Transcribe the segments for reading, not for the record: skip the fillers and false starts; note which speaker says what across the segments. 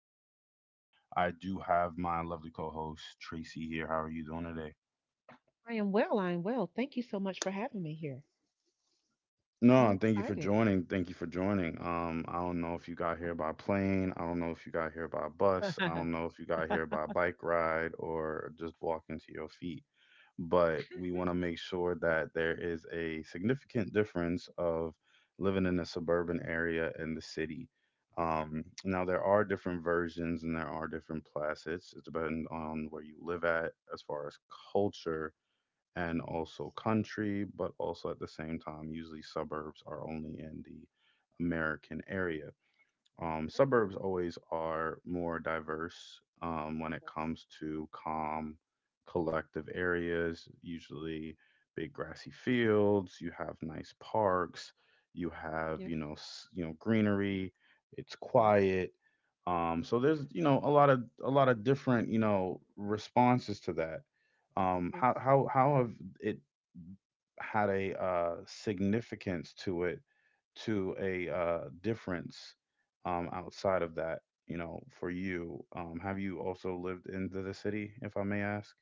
Speaker 1: session, I do have my lovely co-host Tracy here. How are you doing today?
Speaker 2: I am well. I am well. Thank you so much for having me here. I'm
Speaker 1: No, thank you for
Speaker 2: excited.
Speaker 1: joining. Thank you for joining. I don't know if you got here by plane. I don't know if you got here by bus. I don't know if you got here by bike ride or just walking to your feet. But we want to make sure that there is a significant difference of living in a suburban area and the city. Now there are different versions and there are different placets. It's depending on where you live at as far as culture and also country, but also at the same time, usually suburbs are only in the American area. Suburbs always are more diverse when it comes to calm, collective areas, usually big grassy fields, you have nice parks, you have,
Speaker 2: Yes,
Speaker 1: you know, s- you know, greenery, it's
Speaker 2: yes,
Speaker 1: quiet. So there's, a lot of different, responses to that. Um,
Speaker 2: yes.
Speaker 1: how how how have it had a significance to it to a difference outside of that for you, have you also lived into the city if I may ask?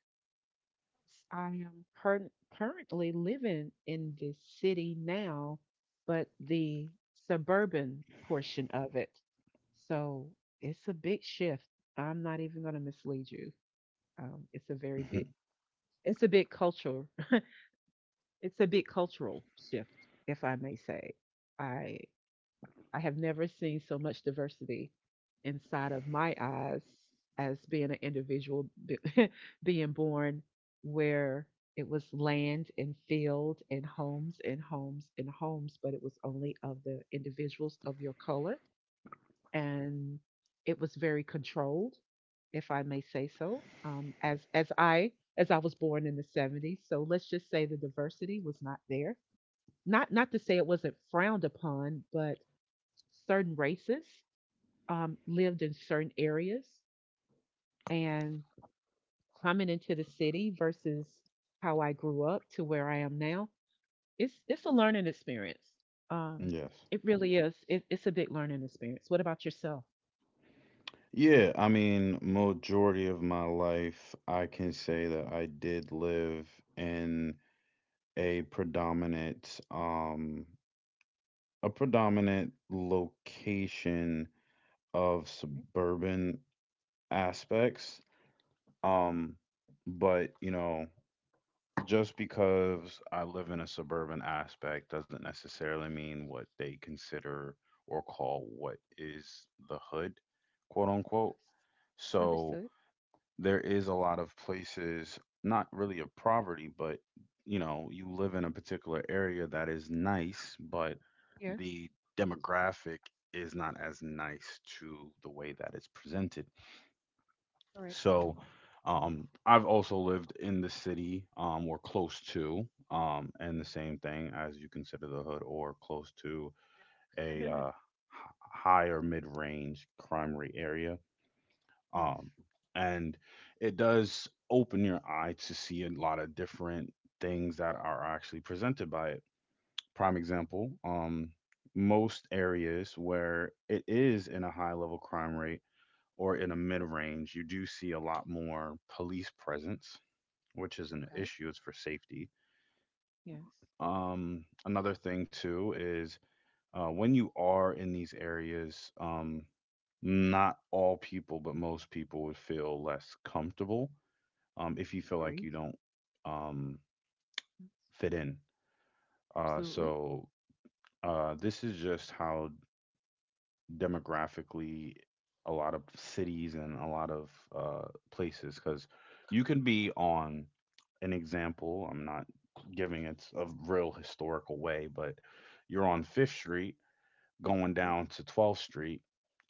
Speaker 2: I am curr- currently living in the city now, but the suburban portion of it. So it's a big shift. I'm not even going to mislead you. It's a very
Speaker 1: Mhm.
Speaker 2: big, it's a big culture. It's a big cultural shift, if I may say. I I have never seen so much diversity inside of my eyes as being an individual being born where it was land and field and homes and homes and homes, but it was only of the individuals of your color. And it was very controlled, if I may say so, as I was born in the 70s. So let's just say the diversity was not there. Not to say it wasn't frowned upon, but certain races lived in certain areas and coming into the city versus how I grew up to where I am now, it's a learning experience. Um,
Speaker 1: Yes.
Speaker 2: it really is. It's a big learning experience. What about yourself?
Speaker 1: Yeah, I mean majority of my life I can say that I did live in a predominant location of
Speaker 2: Okay.
Speaker 1: suburban aspects.
Speaker 2: Nice.
Speaker 1: Um, but just because I live in a suburban aspect doesn't necessarily mean what they consider or call what is the hood, quote unquote. So
Speaker 2: Understood.
Speaker 1: there is a lot of places, not really of poverty, but you live in a particular area that is nice, but
Speaker 2: Yes.
Speaker 1: the demographic is not as nice to the way that it's presented.
Speaker 2: Correct.
Speaker 1: So I've also lived in the city or close to, and the same thing as you consider the hood or close to a high or mid range crime rate area.
Speaker 2: Yes.
Speaker 1: Um, and it does open your eye to see a lot of different things that are actually presented by it. Prime example, most areas where it is in a high level crime rate or in a mid
Speaker 2: Uh-huh.
Speaker 1: range, you do see a lot more police presence, which is an
Speaker 2: Okay.
Speaker 1: issue. It's for safety.
Speaker 2: Yes.
Speaker 1: Another thing too is when you are in these areas, not all people, but most people would feel less comfortable if you feel like
Speaker 2: Great.
Speaker 1: you don't um,
Speaker 2: Mm,
Speaker 1: fit in. Uh,
Speaker 2: Absolutely.
Speaker 1: so uh, this is just how demographically a lot of cities and a lot of places, because you can be on an example, I'm not giving it a real historical way, but you're on Fifth Street going
Speaker 2: uh,
Speaker 1: down to 12th Street.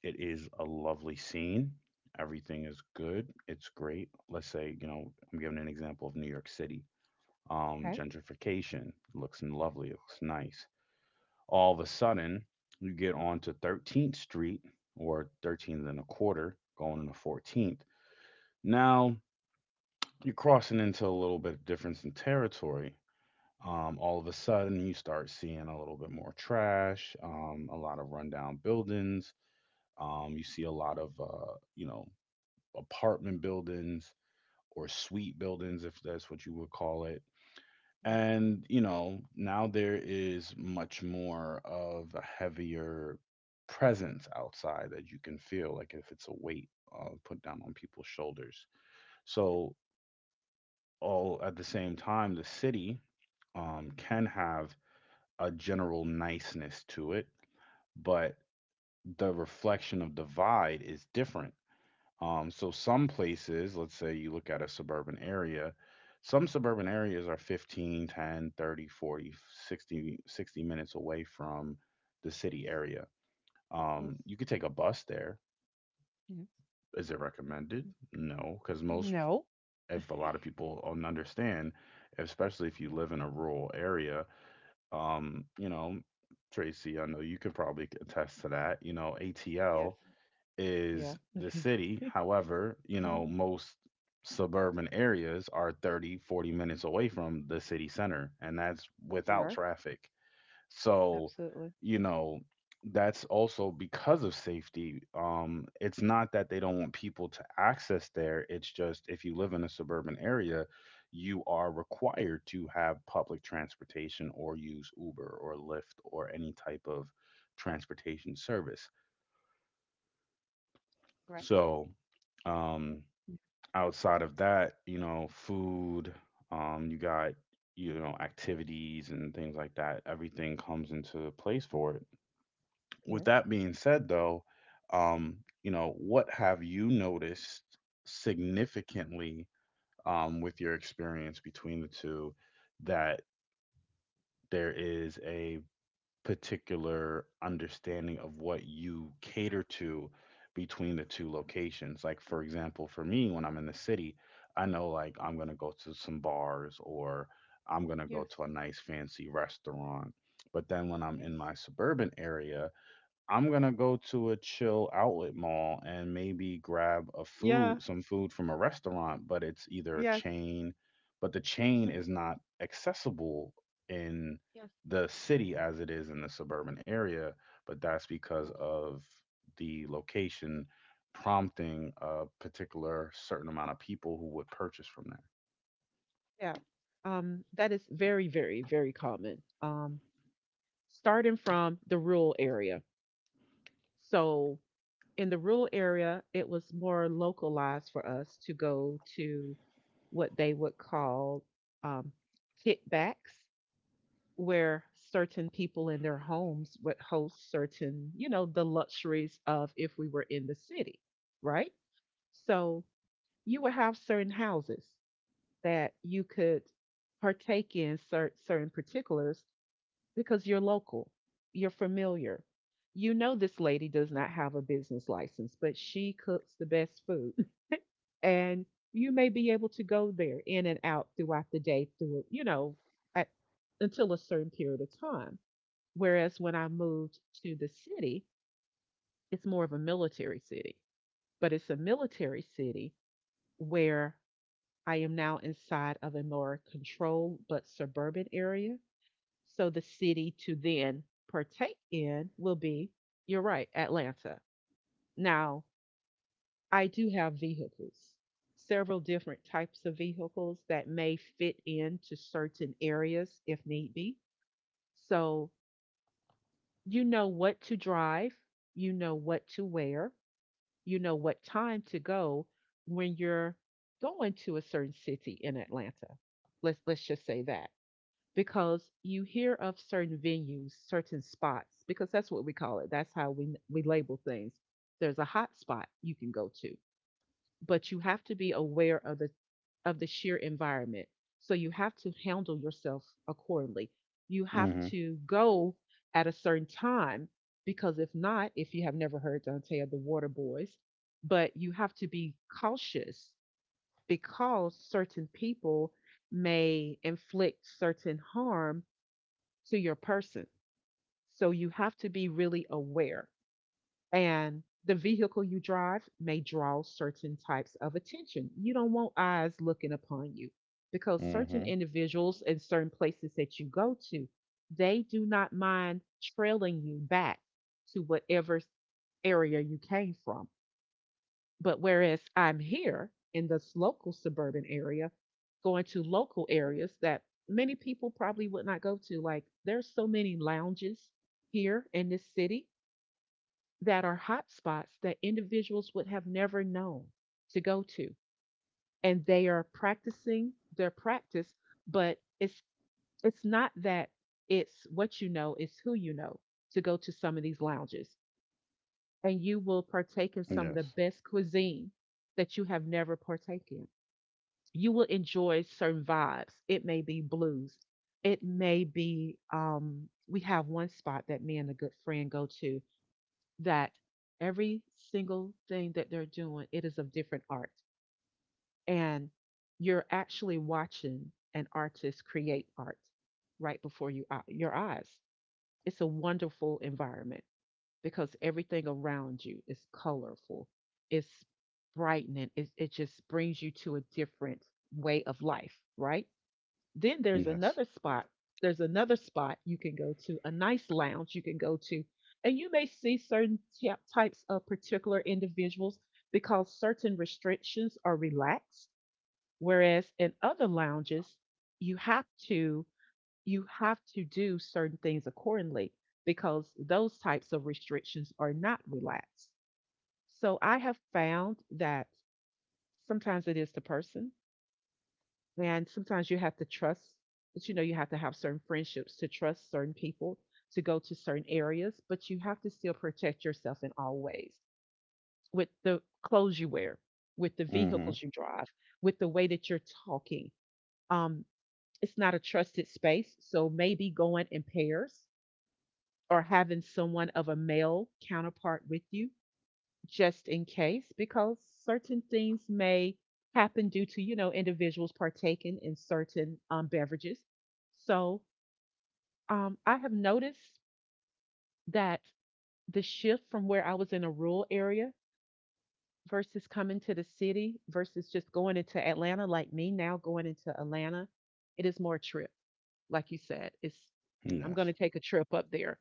Speaker 1: It is a lovely scene. Everything is good. It's great. Let's say, you know, I'm giving an example of New York City. um,
Speaker 2: Okay.
Speaker 1: gentrification looks lovely. It looks nice. All of a sudden, you get onto 13th Street, or 13th and a quarter going into 14th. Now you're crossing into a little bit of difference in territory. All of a sudden, you start seeing a little bit more trash, a lot of rundown buildings. You see a lot of, apartment buildings or suite buildings, if that's what you would call it.
Speaker 2: Yeah.
Speaker 1: And, now there is much more of a heavier presence outside that you can feel, like if it's a weight put down on people's shoulders. So, all at the same time, the city can have a general niceness to it, but the reflection of divide is different. So some places, let's say you look at a suburban area, some suburban areas are 15, 10, 30, 40, 60, 60 minutes away from the city area.
Speaker 2: Yes.
Speaker 1: You could take a bus there.
Speaker 2: Yeah.
Speaker 1: Is it recommended? No, because
Speaker 2: No.
Speaker 1: if a lot of people don't understand, especially if you live in a rural area, um, you know, Tracy, I know you could probably attest to that.
Speaker 2: Yes.
Speaker 1: ATL
Speaker 2: Yeah.
Speaker 1: is the city. However,
Speaker 2: Hmm.
Speaker 1: most suburban areas are 30, 40 minutes away from the city center, and that's
Speaker 2: They
Speaker 1: without
Speaker 2: are
Speaker 1: traffic. So,
Speaker 2: absolutely
Speaker 1: you know, that's also because of safety. It's not that they don't want people to access there, it's just if you live in a suburban area, you are required to have public transportation or use Uber or Lyft or any type of transportation service.
Speaker 2: right.
Speaker 1: So, um,
Speaker 2: Y-
Speaker 1: outside of that, food, you got, activities and things like that. Everything comes into place for it. With
Speaker 2: yes.
Speaker 1: that being said, though, what have you noticed significantly with your experience between the two, that there is a particular understanding of what you cater to between the two locations. Like, for example, for me, when I'm in the city, I know like
Speaker 2: Yes.
Speaker 1: I'm going to go to some bars, or I'm going to go
Speaker 2: Yes.
Speaker 1: to a nice fancy restaurant. But then when I'm
Speaker 2: Yes.
Speaker 1: in my suburban area, I'm gonna go
Speaker 2: Mhm.
Speaker 1: to a chill outlet mall and maybe grab a food,
Speaker 2: Yeah.
Speaker 1: some food from a restaurant, but it's either a
Speaker 2: Yes.
Speaker 1: chain, but the chain
Speaker 2: Mhm.
Speaker 1: is not accessible in
Speaker 2: Yes.
Speaker 1: the city as it is in the suburban area, but that's because
Speaker 2: Yes.
Speaker 1: of the location prompting a particular certain amount of people who would purchase from
Speaker 2: Yeah. That is very, very, very common. Starting from the rural area. So in the rural area, it was more localized for us to go to what they would call um, kickbacks, where certain people in their homes would host certain, you know, the luxuries of if we were in the city, right? So you would have certain houses that you could partake in certain particulars because you're local, you're familiar. You know, this lady does not have a business license, but she cooks the best food. And you may be able to go there in and out throughout the day, through, you know, at, until a certain period of time. Whereas when I moved to the city, it's more of a military city, but it's a military city where I am now inside of a more controlled but suburban area. So the city to then partake in will be, you're right, Atlanta. Now, I do have vehicles, several different types of vehicles that may fit into certain areas if need be. So you know what to drive, you know what to wear, you know what time to go when you're going to a certain city in Atlanta. Let's just say that because you hear of certain venues, certain spots because that's what we call it. That's how we label things. There's a hot spot you can go to, but you have to be aware of the sheer environment. So you have to handle yourself accordingly. You
Speaker 1: there.
Speaker 2: have
Speaker 1: Mm-hmm.
Speaker 2: to go at a certain time because if not, if you have never heard Dante of the Water Boys, but you have to be cautious because certain people may inflict certain harm to your person. So you have to be really aware and the vehicle you drive may draw certain types of attention. You don't want eyes looking upon you because certain
Speaker 1: Mm-hmm.
Speaker 2: individuals and certain places that you go to, they do not mind trailing you back to whatever area you came from. But whereas I'm here in this local suburban area, going to local areas that many people probably would not go to, like there's so many lounges here in this city that are hotspots that individuals would have never known to go to. And they are practicing their practice, but it's not that it's what you know, it's who you know to go to some of these lounges. And you will partake in some of the
Speaker 1: Yes.
Speaker 2: best cuisine that you have never partaken in. You will enjoy certain vibes. It may be blues. It may be we have one spot that me and a good friend go to that every single thing that they're doing it is of different art and you're actually watching an artist create art right before your eyes. It's a wonderful environment because everything around you is colorful. It's brightening it, it just brings you to a different way of life. Right then there's
Speaker 1: Yes.
Speaker 2: another spot. There's another spot you can go to, a nice lounge you can go to. And you may see certain types of particular individuals because certain restrictions are relaxed, whereas in other lounges, you have to you have to do certain things accordingly because those types of restrictions are not relaxed. So I have found that sometimes it is the person, and sometimes you have to trust, but you know, you have to have certain friendships to trust certain people to go to certain areas, but you have to still protect yourself in all ways with the clothes you wear, with the
Speaker 1: Mm-hmm.
Speaker 2: vehicles you drive, with the way that you're talking. Um, it's not a trusted space. So maybe going in pairs or having someone of a male counterpart with you just in case, because certain things may happen due to, you know, individuals partaking in certain beverages. So I have noticed that the shift from where I was in a rural area versus coming to the city versus just going into Atlanta, like me now going into Atlanta, it is more a trip. Like you said, it's I'm going
Speaker 1: Yes.
Speaker 2: to take a trip up there,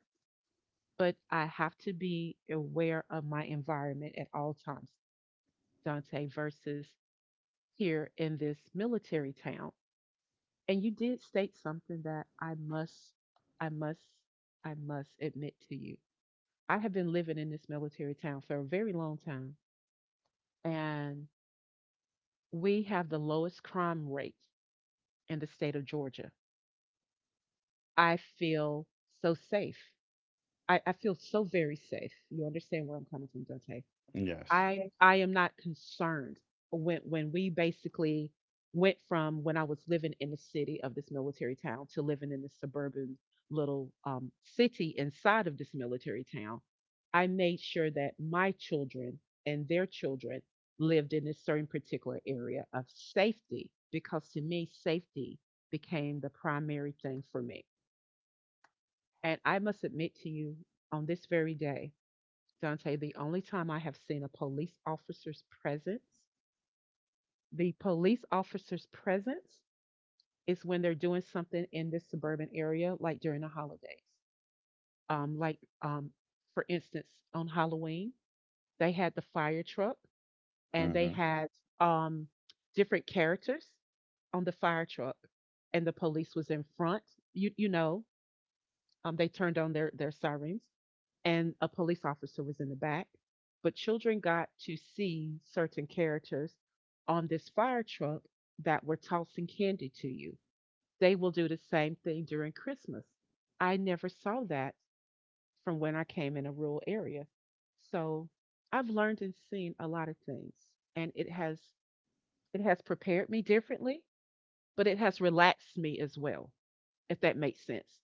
Speaker 2: but I have to be aware of my environment at all times. Dante versus here in this military town. And you did state something that I must, I must admit to you. I have been living in this military town for a very long time, and we have the lowest crime rate in the state of Georgia. I feel so safe. I feel so very safe. You understand where I'm coming from, Dante.
Speaker 1: Yes.
Speaker 2: I am not concerned when we basically went from when I was living in the city of this military town to living in the suburban little city inside of this military town. I made sure that my children and their children lived in a certain particular area of safety because to me safety became the primary thing for me. And I must admit to you on this very day Dante, the only time I have seen a police officer's presence, the police officer's presence is when they're doing something in this suburban area, like during the holidays. Um, like, um, for instance, on Halloween, they had the fire truck and they
Speaker 1: Mm-hmm.
Speaker 2: had um, different characters on the fire truck, and the police was in front. You know, they turned on their sirens and a police officer was in the back. But children got to see certain characters on this fire truck that were tossing candy to you. They will do the same thing during Christmas. I never saw that from when I came in a rural area. So I've learned and seen a lot of things, and it has prepared me differently, but it has relaxed me as well, if that makes sense.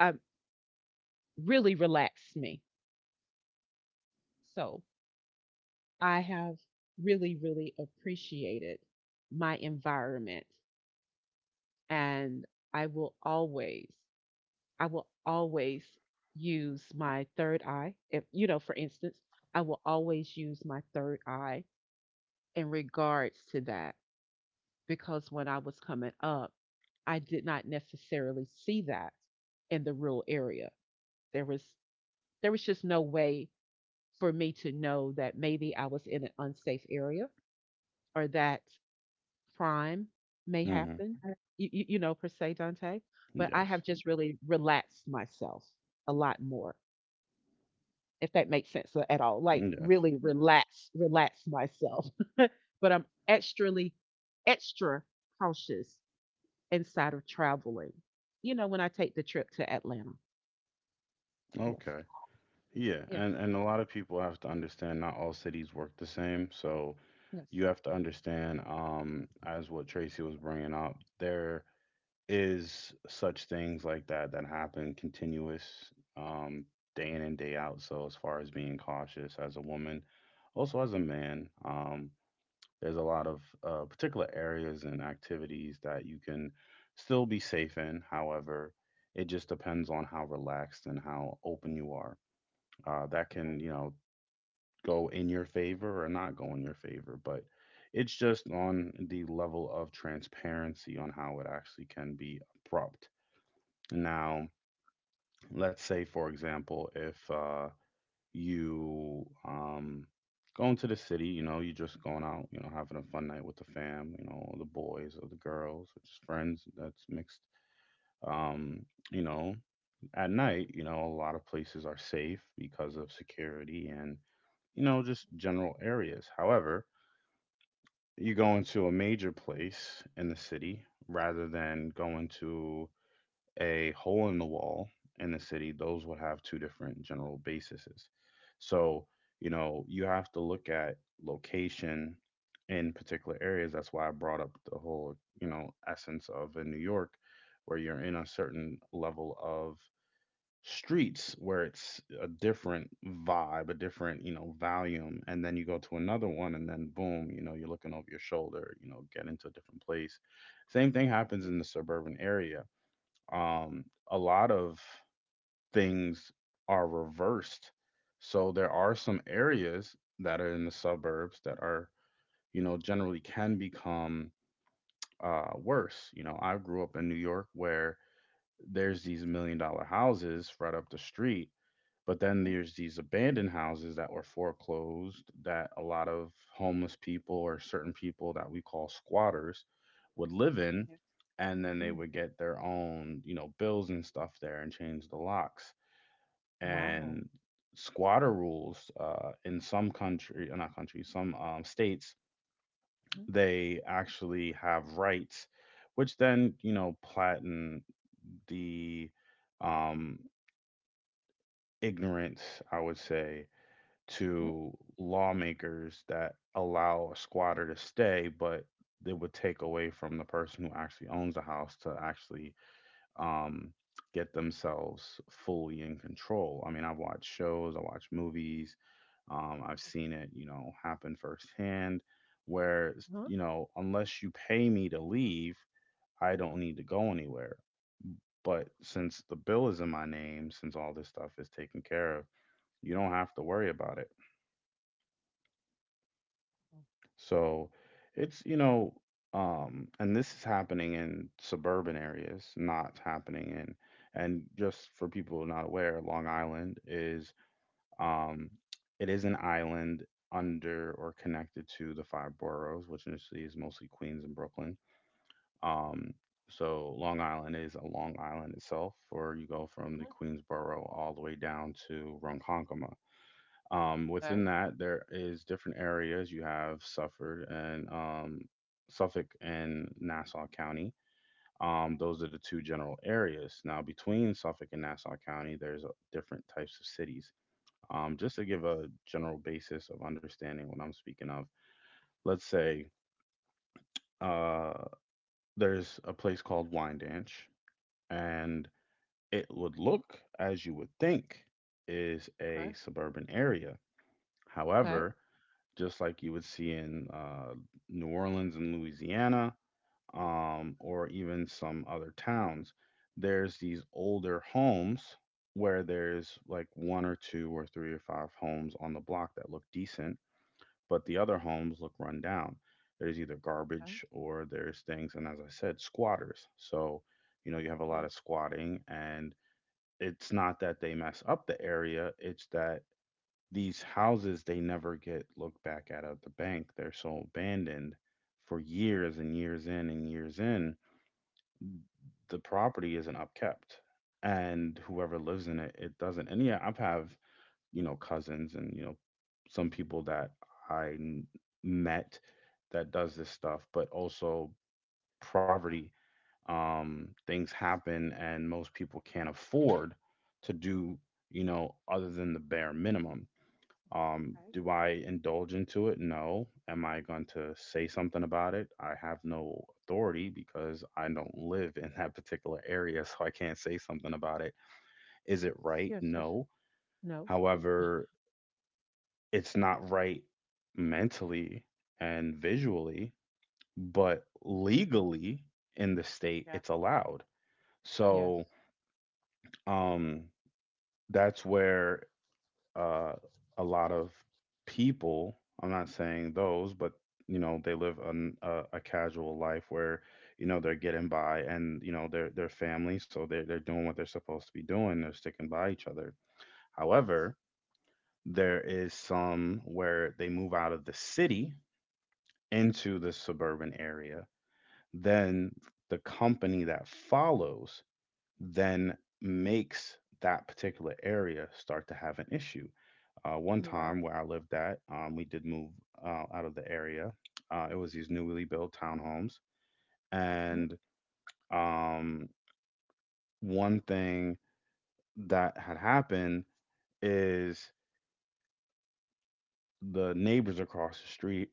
Speaker 2: I really relaxed me. So I have really, really appreciated my environment. And I will always, I will always use my third eye. If, you know, for instance, I will always use my third eye in regards to that because when I was coming up, I did not necessarily see that in the rural area. There was there was just no way for me to know that maybe I was in an unsafe area or that crime may
Speaker 1: Mm-hmm.
Speaker 2: happen, you know, per se, Dante, but I
Speaker 1: Yes.
Speaker 2: have just really relaxed myself a lot more, if that makes sense at all. Like
Speaker 1: Yes.
Speaker 2: really relax myself. But I'm extraly extra cautious inside of traveling. You know, when I take the trip to Atlanta. Yes.
Speaker 1: Okay. Yeah,
Speaker 2: Yes.
Speaker 1: and a lot of people have to understand not all cities work the same. So
Speaker 2: Yes.
Speaker 1: you have to understand as what Tracy was bringing up, there is such things like that that happen continuous um day in and day out. So as far as being cautious as a woman, also as a man, there's a lot of particular areas and activities that you can still be safe in. However, it just depends on how relaxed and how open you are that
Speaker 2: You're
Speaker 1: can,
Speaker 2: right.
Speaker 1: go in your
Speaker 2: Yeah.
Speaker 1: favor or not go in your favor, but it's just on the level of transparency on how it actually can be abrupt. Now, let's say for example, if you go into the city, you're just going out, having a fun night with the fam, the boys or the girls or just friends that's mixed, um, you know at night, a lot of places are safe because of security and just general areas. However, you go into a major place in the city rather than going to a hole in the wall in the city, those would have two different general bases. So, you have to look at location in particular areas. That's why I brought up the whole, essence of in New York, where you're in a certain level of streets where it's a different vibe, a different, volume. And then you go to another one and then boom, you're looking over your shoulder, get into a different place. Same thing happens
Speaker 2: Yes.
Speaker 1: in the suburban area. A lot of things are reversed. So there are some areas that are in the suburbs that are, generally can become worse. I grew up in New York where there's these million dollar houses right up the street, but then
Speaker 2: Mhm.
Speaker 1: there's these abandoned houses that were foreclosed that a lot of homeless people or certain people that we call squatters would live in.
Speaker 2: Yes.
Speaker 1: And then they
Speaker 2: Mm.
Speaker 1: would get their own, bills and stuff there and change the locks.
Speaker 2: Wow.
Speaker 1: And squatter rules in some country, not countries, some states,
Speaker 2: Mhm.
Speaker 1: they actually have rights, which then, platen the um, ignorance, I would say,
Speaker 2: Mhm.
Speaker 1: to lawmakers that allow a squatter to stay, but it would take away from the person who actually owns the house to actually um, get themselves fully in control. I mean, I've watched shows, I watch movies, I've seen it, happen firsthand. Where
Speaker 2: Mhm.
Speaker 1: unless you pay me to leave, I don't need to go anywhere. But since the bill is in my name, since all this stuff is taken care of, you don't have to worry about it. So it's, and this is happening in suburban areas, not happening in, and just for people not aware, Long Island is, um, it is an island under or connected to the five boroughs, which initially is mostly Queens and Brooklyn. Um, so Long Island is a Long Island itself, where you go from the
Speaker 2: Mhm.
Speaker 1: Queens borough all the way down to Ronkonkoma. Um,
Speaker 2: Okay.
Speaker 1: within that, there is different areas. You have Suffolk and Nassau County. Those are the two general areas. Now, between Suffolk and Nassau County, there's different types of cities. Just to give a general basis of understanding what I'm speaking of, let's say uh, there's a place called Wyandanch, and it would look as you would think is
Speaker 2: Okay.
Speaker 1: a suburban area.
Speaker 2: Okay.
Speaker 1: However, just like you would see in New Orleans and Louisiana,
Speaker 2: Mhm.
Speaker 1: or even some other towns. There's these older homes where there's like one or two or three or five homes on the block that look decent, but the other homes look run down. There's either
Speaker 2: Okay.
Speaker 1: garbage or there's things, and as I said, squatters. So, you have a lot
Speaker 2: Yes.
Speaker 1: of squatting, and it's not that they mess up the area, it's that these houses they never get looked back at the bank. They're so abandoned for years and years in and years in. The property isn't upkept, and whoever lives in it, it doesn't. And yeah, I've have cousins and some people that I met that does this stuff, but also
Speaker 2: Uh,
Speaker 1: poverty. Things happen, and most people can't afford to do other than the bare minimum. Do I indulge into it? No. Am I going to say something about it? I have no authority because I don't live in that particular area, so I can't say something about it. Is it right?
Speaker 2: yes. Yes.
Speaker 1: No.
Speaker 2: No.
Speaker 1: However, it's not right mentally and visually, but legally in the state,
Speaker 2: Yeah.
Speaker 1: it's allowed.
Speaker 2: Yes.
Speaker 1: So, um, that's where uh, a lot of people. I'm not saying those, but they live a casual life where they're getting by, and they're family, so they're doing what they're supposed to be doing. They're sticking by each other.
Speaker 2: Yes.
Speaker 1: However, there is some where they move out of the city into the suburban area. Then the company that follows then makes that particular area start to have an issue. One
Speaker 2: You're right.
Speaker 1: time where I lived at, we did move out of the area. It was these newly built townhomes.
Speaker 2: Hmm.
Speaker 1: And um, one thing that had happened is the neighbors across the street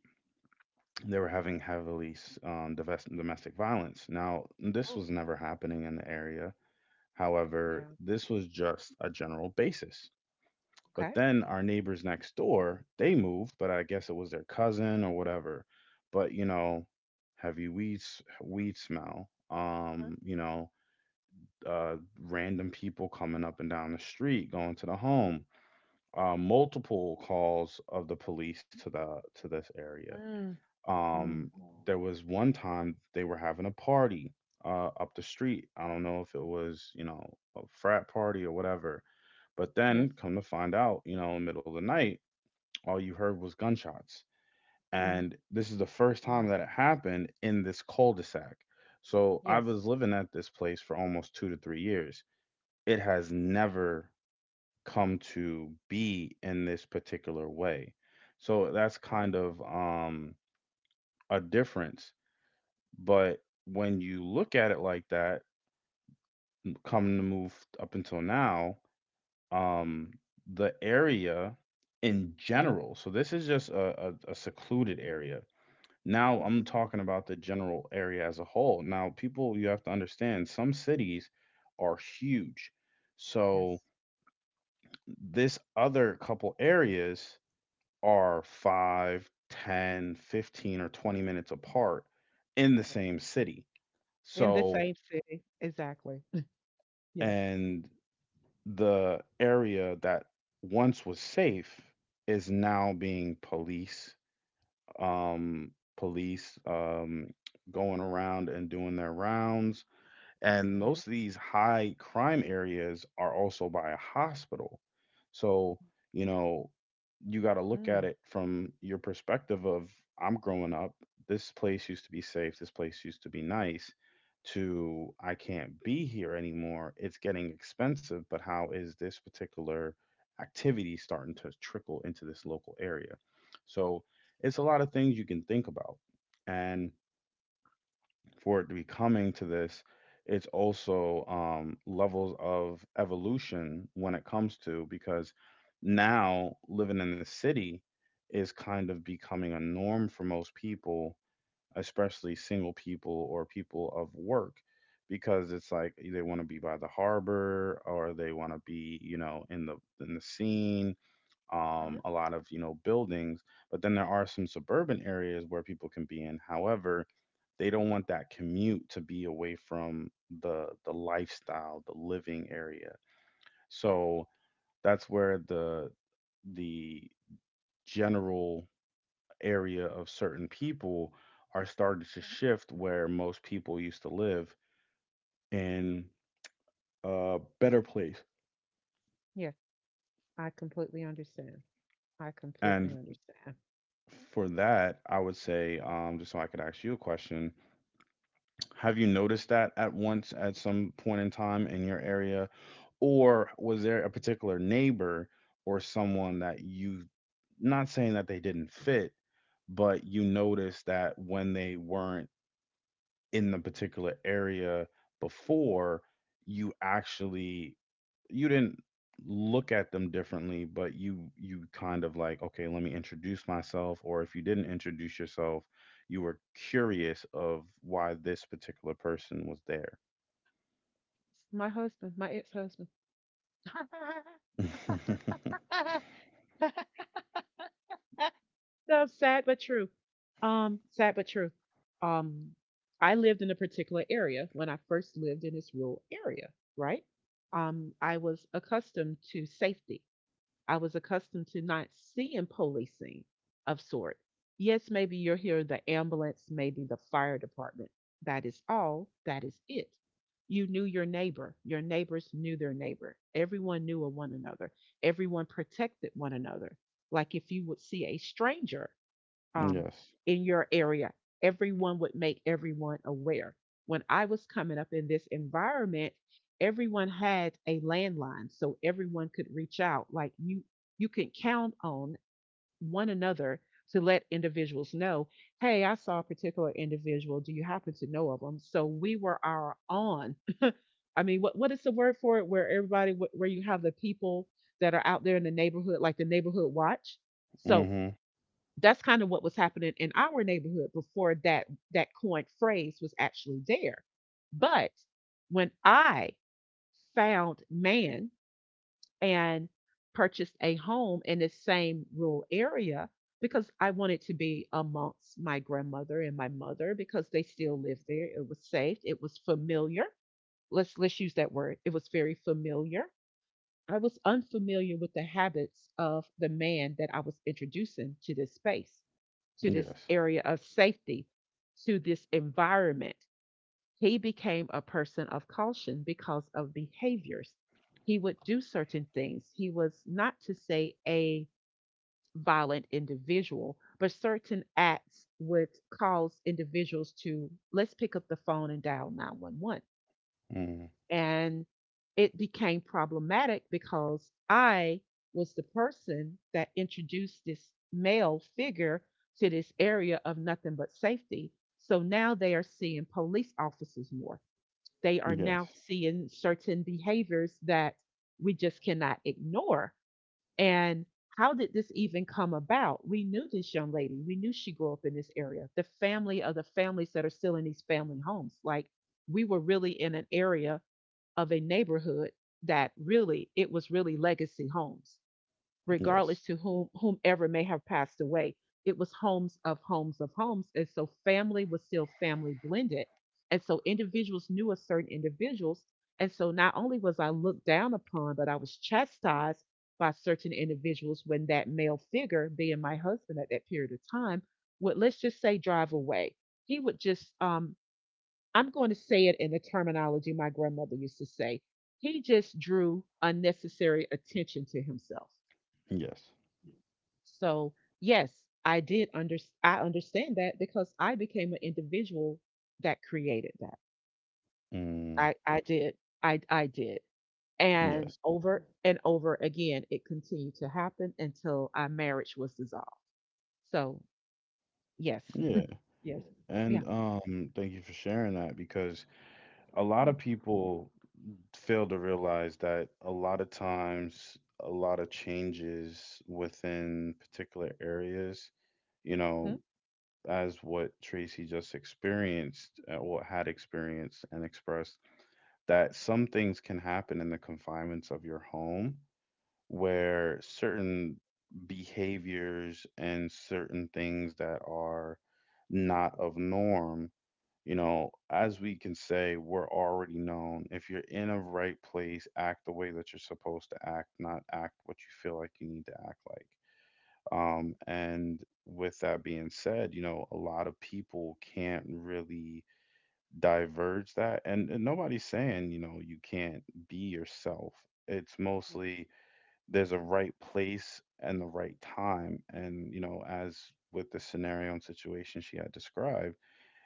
Speaker 1: they were having heavily um, domestic violence. Now, this
Speaker 2: Oh.
Speaker 1: was never happening in the area. However,
Speaker 2: Yeah.
Speaker 1: this was just a general basis. But
Speaker 2: Okay.
Speaker 1: then our neighbors next door, they moved, but I guess it was their cousin or whatever. But heavy weed smell.
Speaker 2: Mhm.
Speaker 1: Uh, Random people coming up and down the street, going to the home. Multiple calls of the police to this area.
Speaker 2: Mm.
Speaker 1: Um,
Speaker 2: Mm.
Speaker 1: there was one time they were having a party up the street. I don't know if it was a frat party or whatever. But then
Speaker 2: Yes.
Speaker 1: come to find out, in the middle of the night, all you heard was gunshots.
Speaker 2: Mm.
Speaker 1: And this is the first time
Speaker 2: Wow.
Speaker 1: that it happened in this cul-de-sac. So I was
Speaker 2: Yes.
Speaker 1: living at this place for almost 2 to 3 years. It has never come to be in this particular way. So that's
Speaker 2: Okay.
Speaker 1: kind of a difference. But when you look at it like that, come to move up until now,
Speaker 2: Well,
Speaker 1: um, the area in general, so this is just a secluded area. Now
Speaker 2: yes.
Speaker 1: I'm talking about the general area as a whole. Now, people, you have to understand, some cities are huge. So
Speaker 2: Yes.
Speaker 1: this other couple areas are 5, 10, 15, or 20 minutes apart in the
Speaker 2: Yes.
Speaker 1: same city.
Speaker 2: In the
Speaker 1: So,
Speaker 2: same city. Exactly. Yes.
Speaker 1: and the area that once was safe is now being um, police, going around and doing their rounds. And
Speaker 2: Yeah.
Speaker 1: most of these high crime areas are also by a hospital. So, you know, you got to look at
Speaker 2: Mm.
Speaker 1: it from your perspective of I'm growing up, this place used to be safe, this place used to be nice, to I can't be here anymore. It's getting expensive, but how is this particular activity starting to trickle into this local area? So, it's a lot of things you can think about. And for it to be coming to this, it's also levels of evolution when it comes to because now living in the city is kind of becoming a norm for most people, especially single people or people of work, because it's like they want to be by the harbor or they want to be, in the scene.
Speaker 2: Mhm.
Speaker 1: A lot of buildings. But then there are some suburban areas where people can be in, however they don't want that commute to be away from the lifestyle, the living area. So that's where the general area of certain people are starting to shift, where most people used to live in a better place.
Speaker 2: Yes. I completely understand. I completely
Speaker 1: And
Speaker 2: understand.
Speaker 1: for that, I would say, just so I could ask you a question, have you noticed that at once at some point in time in your area? Or was there a particular neighbor or someone that you, not saying that they didn't fit, but you noticed that when they weren't in the particular area before, you actually, you didn't look at them differently, but you kind of like, okay, let me introduce myself, or if you didn't introduce yourself, you were curious of why this particular person was there?
Speaker 2: My husband, my ex-husband. So sad but true. Sad but true. Um, I lived in a particular area when I first lived in this rural area, right? I was accustomed to safety. I was accustomed to not seeing policing of sort. Yes, maybe you're hearing the ambulance, maybe the fire department. That is all. That is it. You knew your neighbor. Your neighbors knew their neighbor. Everyone knew of one another. Everyone protected one another. Like if you would see a stranger um,
Speaker 1: Yes.
Speaker 2: in your area. Everyone would make everyone aware. When I was coming up in this environment, everyone had a landline, so everyone could reach out. Like you can count on one another to let individuals know, hey, I saw a particular individual. Do you happen to know of them? So we were our on. I mean, what is the word for it? Where everybody, where you have the people that are out there in the neighborhood, like the neighborhood watch. So
Speaker 1: Mhm.
Speaker 2: that's kind of what was happening in our neighborhood before that coined phrase was actually there. But when I found man and purchased a home in this same rural area because I wanted to be amongst my grandmother and my mother because they still lived there. It was safe. It was familiar. Let's use that word. It was very familiar. I was unfamiliar with the habits of the man that I was introducing to this space, to this
Speaker 1: Yes.
Speaker 2: area of safety, to this environment. He became a person of caution because of behaviors. He would do certain things. He was not to say a violent individual, but certain acts would cause individuals to, let's pick up the phone and dial 911.
Speaker 1: Mhm.
Speaker 2: And it became problematic because I was the person that introduced this male figure to this area of nothing but safety. So now they are seeing police officers more. They are
Speaker 1: Yes,
Speaker 2: now seeing certain behaviors that we just cannot ignore. And how did this even come about? We knew this young lady. We knew she grew up in this area. The family of the families that are still in these family homes. Like we were really in an area of a neighborhood that really, it was really legacy homes
Speaker 1: yes,
Speaker 2: regardless to whom whomever may have passed away. It was homes of homes of homes, and so family was still family blended, and so individuals knew of certain individuals. And so not only was I looked down upon, but I was chastised by certain individuals when that male figure, being my husband at that period of time, would, let's just say, drive away. He would just, I'm going to say it in the terminology my grandmother used to say. He just drew unnecessary attention to himself.
Speaker 1: yes.
Speaker 2: So, yes, I did under I understand that because I became an individual that created that.
Speaker 1: Mm,
Speaker 2: I did. I did.
Speaker 1: yes.
Speaker 2: And over again it continued to happen until our marriage was dissolved. So, yes.
Speaker 1: Yeah.
Speaker 2: Yes. Yeah.
Speaker 1: And thank you for sharing that, because a lot of
Speaker 2: Yes,
Speaker 1: people fail to realize that a lot of times, a lot of changes within particular areas, you
Speaker 2: Mhm.
Speaker 1: know, as what Tracy just experienced, what had experienced and expressed, that some things can happen in the confinements of your home where certain behaviors and certain things that are not of norm, you know, as we can say, we're already known. If you're in a right place, act the way that you're supposed to act, not act what you feel like you need to act like. And with that being said, you know, a lot of people can't really diverge that. And nobody's saying, you know, you can't be yourself. It's
Speaker 2: yes,
Speaker 1: mostly there's a right place and the right time. And, you know, as with the scenario and situation she had described,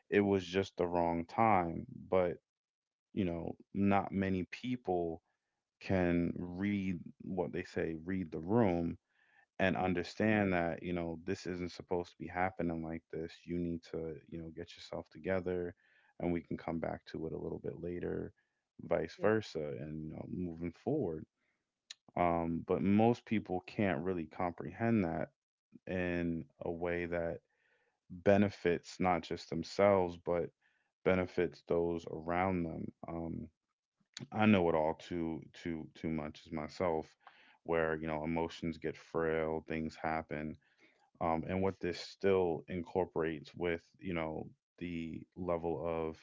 Speaker 1: it was just the wrong time. But, you know, not many people can read what they say, read the room and
Speaker 2: yes,
Speaker 1: understand that, you know, this isn't supposed to be happening like this. You need to, you know, get yourself together and we can come back to it a little bit later, vice
Speaker 2: yes,
Speaker 1: versa, and, you know, moving forward. But most people can't really comprehend that in a way that benefits not just themselves but benefits those around them. I know it all too too too much as myself, where emotions get frail, things happen. And
Speaker 2: yes,
Speaker 1: what this still incorporates with the level of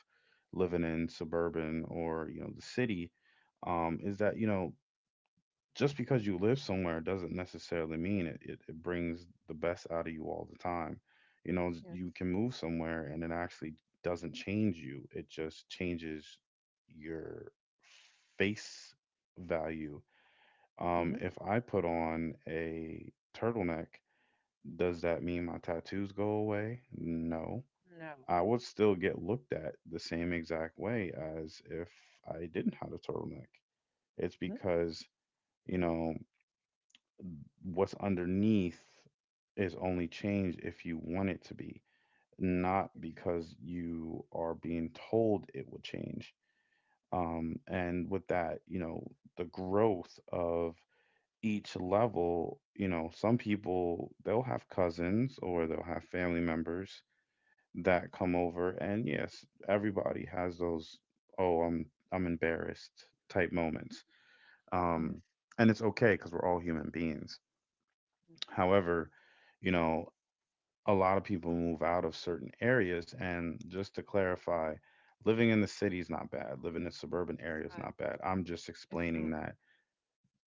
Speaker 1: living in suburban or the city is that just because you live somewhere doesn't necessarily mean it brings the best out of you all the time.
Speaker 2: yes.
Speaker 1: You can move somewhere and it actually doesn't change you, it just changes your face value.
Speaker 2: Mhm.
Speaker 1: If I put on a turtleneck, does that mean my tattoos go away? No.
Speaker 2: No.
Speaker 1: I would still get looked at the same exact way as if I didn't have a turtleneck. It's because you know, what's underneath is only changed if you want it to be, not because you are being told it will change. And with that, the growth of each level, some people they'll have cousins or they'll have family members that come over, and yes, everybody has those. Oh, I'm embarrassed type moments.
Speaker 2: Mhm.
Speaker 1: Um, and it's okay because we're all human beings.
Speaker 2: Yes.
Speaker 1: However, you know, a lot of people move out of certain areas. And just to clarify, living in the city is not bad. Living in suburban
Speaker 2: It's
Speaker 1: area is
Speaker 2: not.
Speaker 1: not bad. I'm just
Speaker 2: It's
Speaker 1: explaining
Speaker 2: not.
Speaker 1: that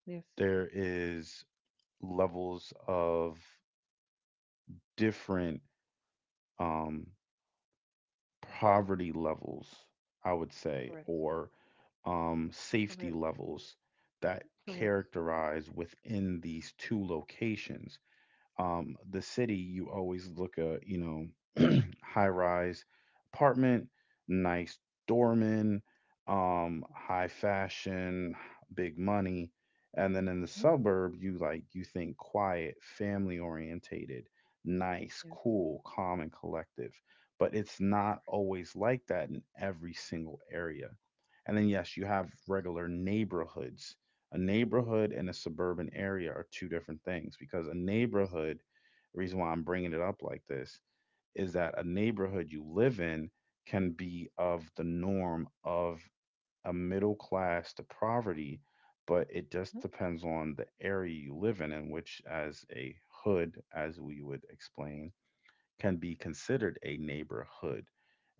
Speaker 2: Yes.
Speaker 1: there is levels of different um, poverty levels, I would say,
Speaker 2: Correct.
Speaker 1: or safety
Speaker 2: Correct.
Speaker 1: levels that
Speaker 2: Correct.
Speaker 1: characterize within these two locations. The city, you always look at, high rise apartment, nice doorman, high fashion, big money. And then in the
Speaker 2: Mhm.
Speaker 1: suburb, you like, you think quiet, family orientated, nice,
Speaker 2: Yes.
Speaker 1: cool, calm, and collective. But it's not always like that in every single area. And then, yes, you have regular neighborhoods. A neighborhood and a suburban area are two different things because a neighborhood, the reason why I'm bringing it up like this, is that a neighborhood you live in can be of the norm of a middle class to poverty, but it just
Speaker 2: Mhm.
Speaker 1: depends on the area you live in which, as a hood, as we would explain, can be considered a neighborhood.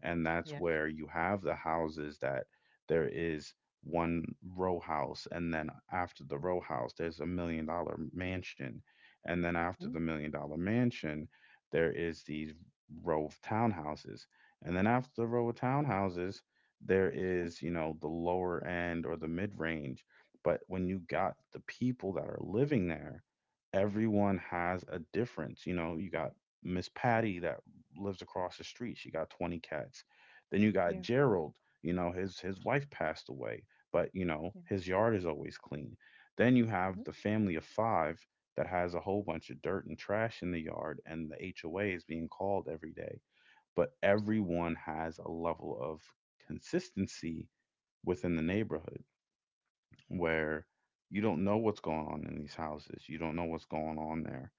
Speaker 1: And that's
Speaker 2: Yes.
Speaker 1: where you have the houses that there is one row house, and then after the row house, there's $1 million mansion. And then after
Speaker 2: Mhm.
Speaker 1: the $1 million mansion, there is these row of townhouses. And then after the row of townhouses, there is, you know, the lower end or the mid range. But when you got the people that are living there, everyone has a difference. You know, you got Miss
Speaker 2: Yes.
Speaker 1: Patty that lives across the street. She got 20 cats. Then you got
Speaker 2: Yeah.
Speaker 1: Gerald, you know, his wife passed away, but you know,
Speaker 2: Yeah.
Speaker 1: his yard is always clean. Then you have
Speaker 2: hmm
Speaker 1: the family of five that has a whole bunch of dirt and trash in the yard and the HOA is being called every day, but
Speaker 2: Absolutely.
Speaker 1: everyone has a level of consistency within the neighborhood where you don't know what's going on in these houses. You don't know what's going on there.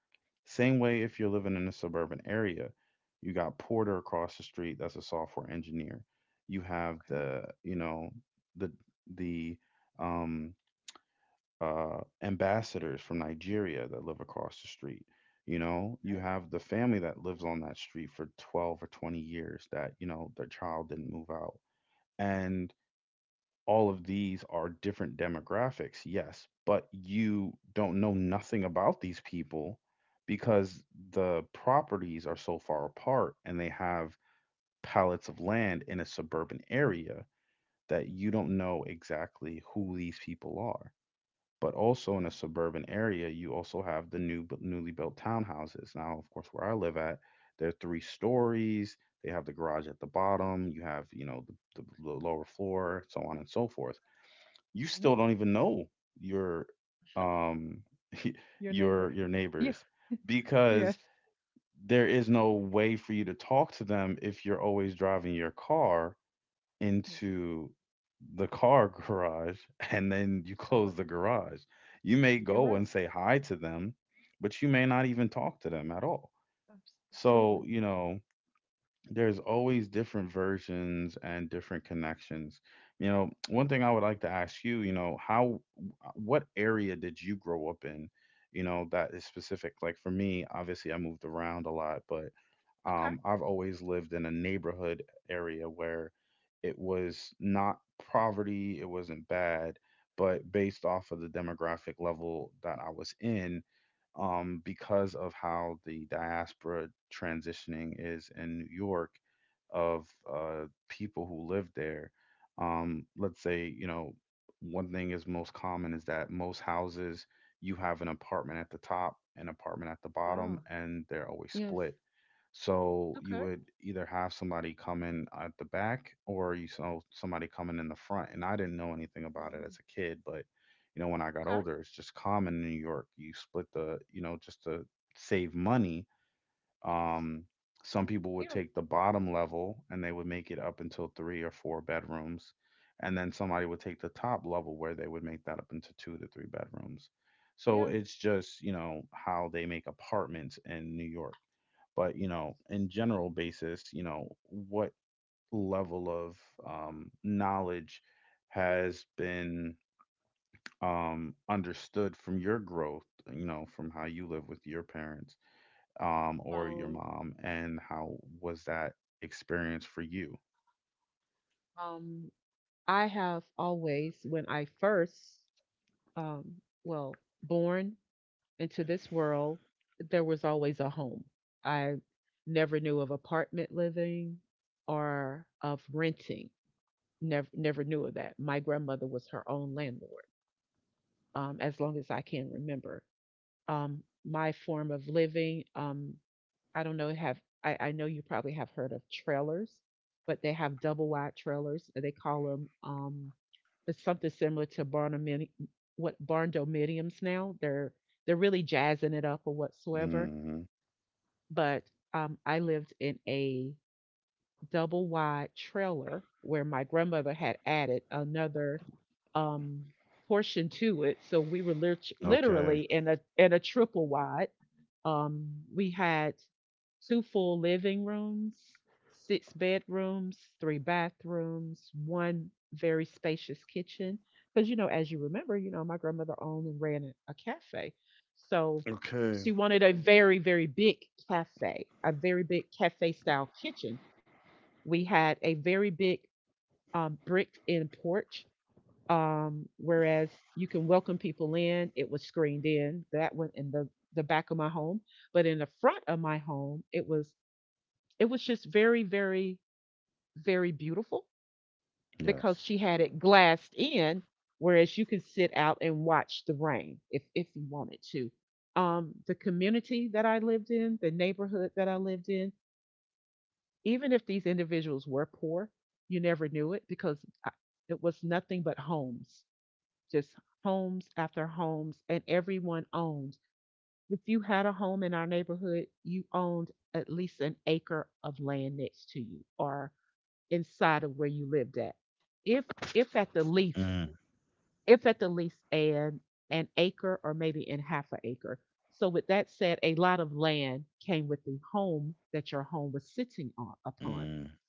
Speaker 1: Same way if you're living in a suburban area, you got Porter across the street that's a software engineer. You have
Speaker 2: Okay.
Speaker 1: the, you know, the the um ambassadors from Nigeria that live across the street. You know, you
Speaker 2: Right.
Speaker 1: have the family that lives on that street for 12 or 20 years that, you know, their child didn't move out. And all of these are different demographics, yes, but you don't know nothing about these people because the properties are so far apart and they have pallets of land in a suburban area that you don't know exactly who these people are. But also in a suburban area, you also have the newly built townhouses. Now, of course, where I live at, they're three stories. They have the garage at the bottom. You have, you know, the lower floor, so on and so forth you
Speaker 2: hmm
Speaker 1: still don't even know your um
Speaker 2: Your neighbor.
Speaker 1: your
Speaker 2: Yeah.
Speaker 1: neighbors
Speaker 2: Yes.
Speaker 1: because there is no way for you to talk to them if you're always driving your car
Speaker 2: Yes.
Speaker 1: into the car garage and then you close
Speaker 2: Absolutely.
Speaker 1: the garage. You may
Speaker 2: You're
Speaker 1: go
Speaker 2: right.
Speaker 1: and say hi to them, but you may not even talk to them at all.
Speaker 2: Abs-
Speaker 1: So,
Speaker 2: Absolutely.
Speaker 1: you know, there's always different versions and different connections. You know, one thing I would like to ask you, you know, what area did you grow up in? You know, that is specific. Like for me, obviously I moved around a lot, but
Speaker 2: Okay.
Speaker 1: I've always lived in a neighborhood area where it was not poverty, it wasn't bad, but based off of the demographic level that I was in, because of how the diaspora transitioning is in New York of people who live there. Let's say, you know, one thing is most common is that most houses, you have an apartment at the top, an apartment at the bottom,
Speaker 2: Wow.
Speaker 1: and they're always
Speaker 2: Yes.
Speaker 1: split so you
Speaker 2: Okay.
Speaker 1: would either have somebody come in at the back or you saw somebody coming in the front. And I didn't know anything about it as
Speaker 2: Wow.
Speaker 1: a kid, but you know, when I got
Speaker 2: Okay.
Speaker 1: older, it's just common in New York. You split the, you know, just to save money. Um, some people would
Speaker 2: Yeah.
Speaker 1: take the bottom level and they would make it up until three or four bedrooms. And then somebody would take the top level where they would make that up into two to three bedrooms. So
Speaker 2: Yeah.
Speaker 1: it's just, you know, how they make apartments in New York but you know in general basis you know what level of knowledge has been understood from your growth, you know, from how you live with your parents, or your
Speaker 2: Well,
Speaker 1: mom, and how was that experience for you?
Speaker 2: um, I have always, when I first, well, born into this world, there was always a home. I never knew of apartment living or of renting. Never, never knew of that. My grandmother was her own landlord, as long as I can remember. My form of living, I don't know. I know you probably have heard of trailers, but they have double wide trailers. They call them it's something similar to barndomini- what barn dominiums now. They're really jazzing it up or whatsoever.
Speaker 1: Hmm.
Speaker 2: But I lived in a double wide trailer where my grandmother had added another um, portion to it. So we were
Speaker 1: Okay.
Speaker 2: literally in a triple wide. We had two full living rooms, six bedrooms, three bathrooms, one very spacious kitchen. Because, you know, as you remember, you know, my grandmother owned and ran a cafe. So she
Speaker 1: Okay.
Speaker 2: wanted a very, very big cafe, a very big cafe style kitchen. We had a very big bricked in porch, whereas you can welcome people in, it was screened in. That went in the back of my home, but in the front of my home, it was just very, very, very beautiful because
Speaker 1: Yes.
Speaker 2: she had it glassed in, whereas you could sit out and watch the rain if you wanted to. The community that I lived in, the neighborhood that I lived in, even if these individuals were poor, you never knew it because I- it was nothing but homes. Just homes after homes, and everyone owned. If you had a home in our neighborhood, you owned at least an acre of land next to you or inside of where you lived at. If if at the least,
Speaker 1: Mm.
Speaker 2: if at the least an acre or maybe in half an acre. So with that said, a lot of land came with the home that your home was sitting on upon.
Speaker 1: Mm.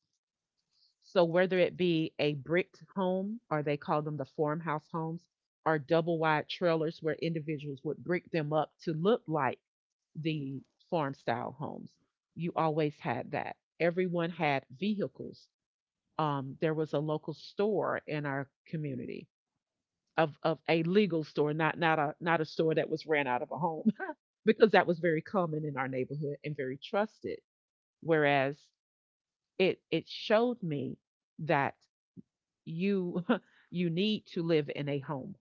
Speaker 2: So whether it be a bricked home, or they call them the farmhouse homes, or double wide trailers where individuals would brick them up to look like the farm style homes, you always had that. Everyone had vehicles. There was a local store in our community, of a legal store, not a not a store that was ran out of a home, because that was very common in our neighborhood and very trusted. Whereas it showed me that you you need to live in a home,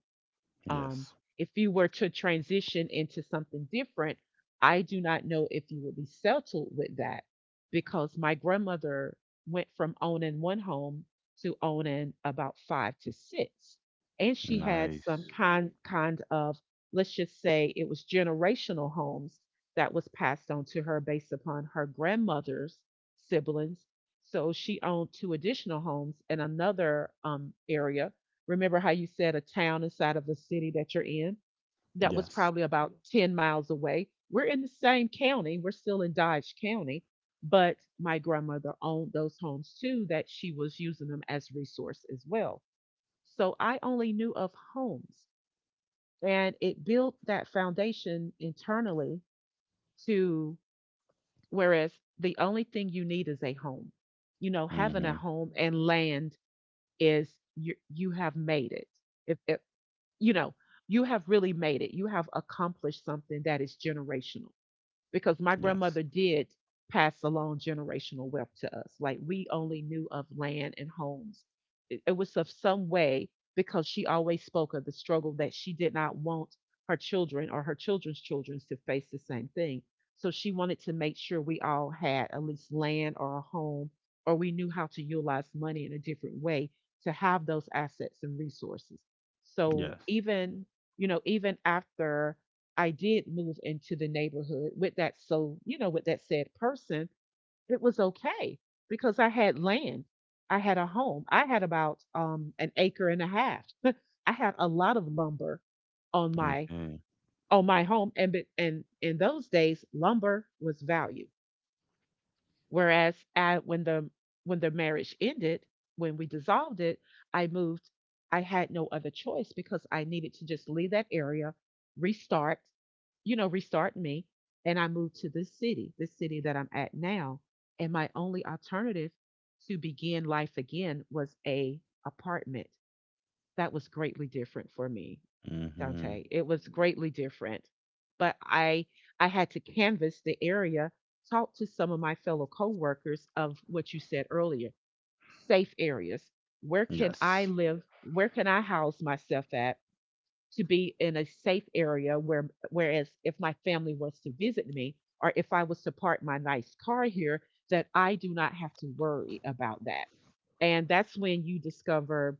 Speaker 2: um,
Speaker 1: Yes.
Speaker 2: if you were to transition into something different, I do not know if you would be settled with that because my grandmother went from owning one home to owning about five to six. And she had some
Speaker 1: Nice.
Speaker 2: kind of, let's just say it was generational homes that was passed on to her based upon her grandmother's siblings. So she owned two additional homes in another area. Remember how you said a town inside of the city that you're in? That was
Speaker 1: Yes.
Speaker 2: probably about 10 miles away. We're in the same county. We're still in Dodge County, but my grandmother owned those homes too, that she was using them as resource as well. So I only knew of homes, and it built that foundation internally to whereas the only thing you need is a home. You know, having a
Speaker 1: Hmm.
Speaker 2: home and land is, you have made it. If, you know, you have really made it. You have accomplished something that is generational because my
Speaker 1: Yes.
Speaker 2: grandmother did pass along generational wealth to us. Like we only knew of land and homes. It was of some way because she always spoke of the struggle that she did not want her children or her children's children to face the same thing. So she wanted to make sure we all had at least land or a home, or we knew how to utilize money in a different way to have those assets and resources. So
Speaker 1: Yes.
Speaker 2: even, you know, even after I did move into the neighborhood with that, so, you know, with that said person, it was okay because I had land. I had a home. I had about an acre and a half. I had a lot of lumber on my
Speaker 1: Okay.
Speaker 2: on my home, and and in those days lumber was valued. Whereas I, when the marriage ended, when we dissolved it, I moved. I had no other choice because I needed to just leave that area, restart, you know, restart me, and I moved to this city that I'm at now. And my only alternative to begin life again was a apartment. That was greatly different for me.
Speaker 1: Hmm.
Speaker 2: Dante. It was greatly different. But I had to canvas the area, talk to some of my fellow coworkers of what you said earlier, safe areas. Where can I
Speaker 1: Yes.
Speaker 2: live? Where can I house myself at to be in a safe area where whereas if my family was to visit me or if I was to park my nice car here, that I do not have to worry about that. And that's when you discover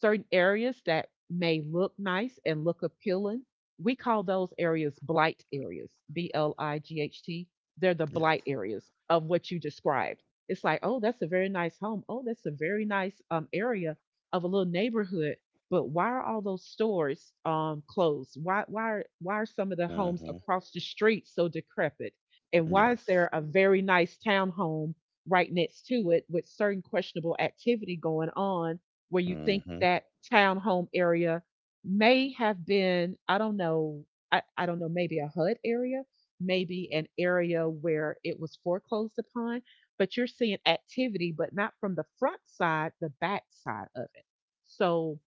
Speaker 2: certain areas that may look nice and look appealing, we call those areas blight areas, BLIGHT. They're the
Speaker 1: Yes.
Speaker 2: blight areas of what you described. It's like, oh, that's a very nice home. Oh, that's a very nice area of a little neighborhood. But why are all those stores closed? Why are some of the homes
Speaker 1: Mm-hmm.
Speaker 2: across the street so decrepit? And why is there
Speaker 1: Yes.
Speaker 2: a very nice townhome right next to it with certain questionable activity going on? Where you think
Speaker 1: Mm-hmm.
Speaker 2: that townhome area may have been, I don't know, I don't know, maybe a HUD area, maybe an area where it was foreclosed upon, but you're seeing activity, but not from the front side, the back side of it. So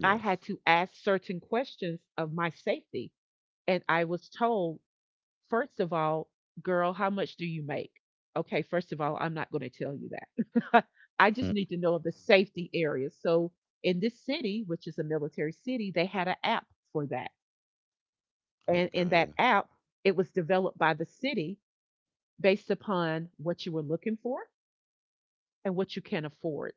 Speaker 2: I had
Speaker 1: Yes.
Speaker 2: to ask certain questions of my safety. And I was told, first of all, girl, how much do you make? Okay, first of all, I'm not going to tell you that. I just
Speaker 1: Hmm.
Speaker 2: need to know of the safety areas. So in this city, which is a military city, they had an app for that. And in that
Speaker 1: Okay.
Speaker 2: app, it was developed by the city based upon what you were looking for and what you can afford.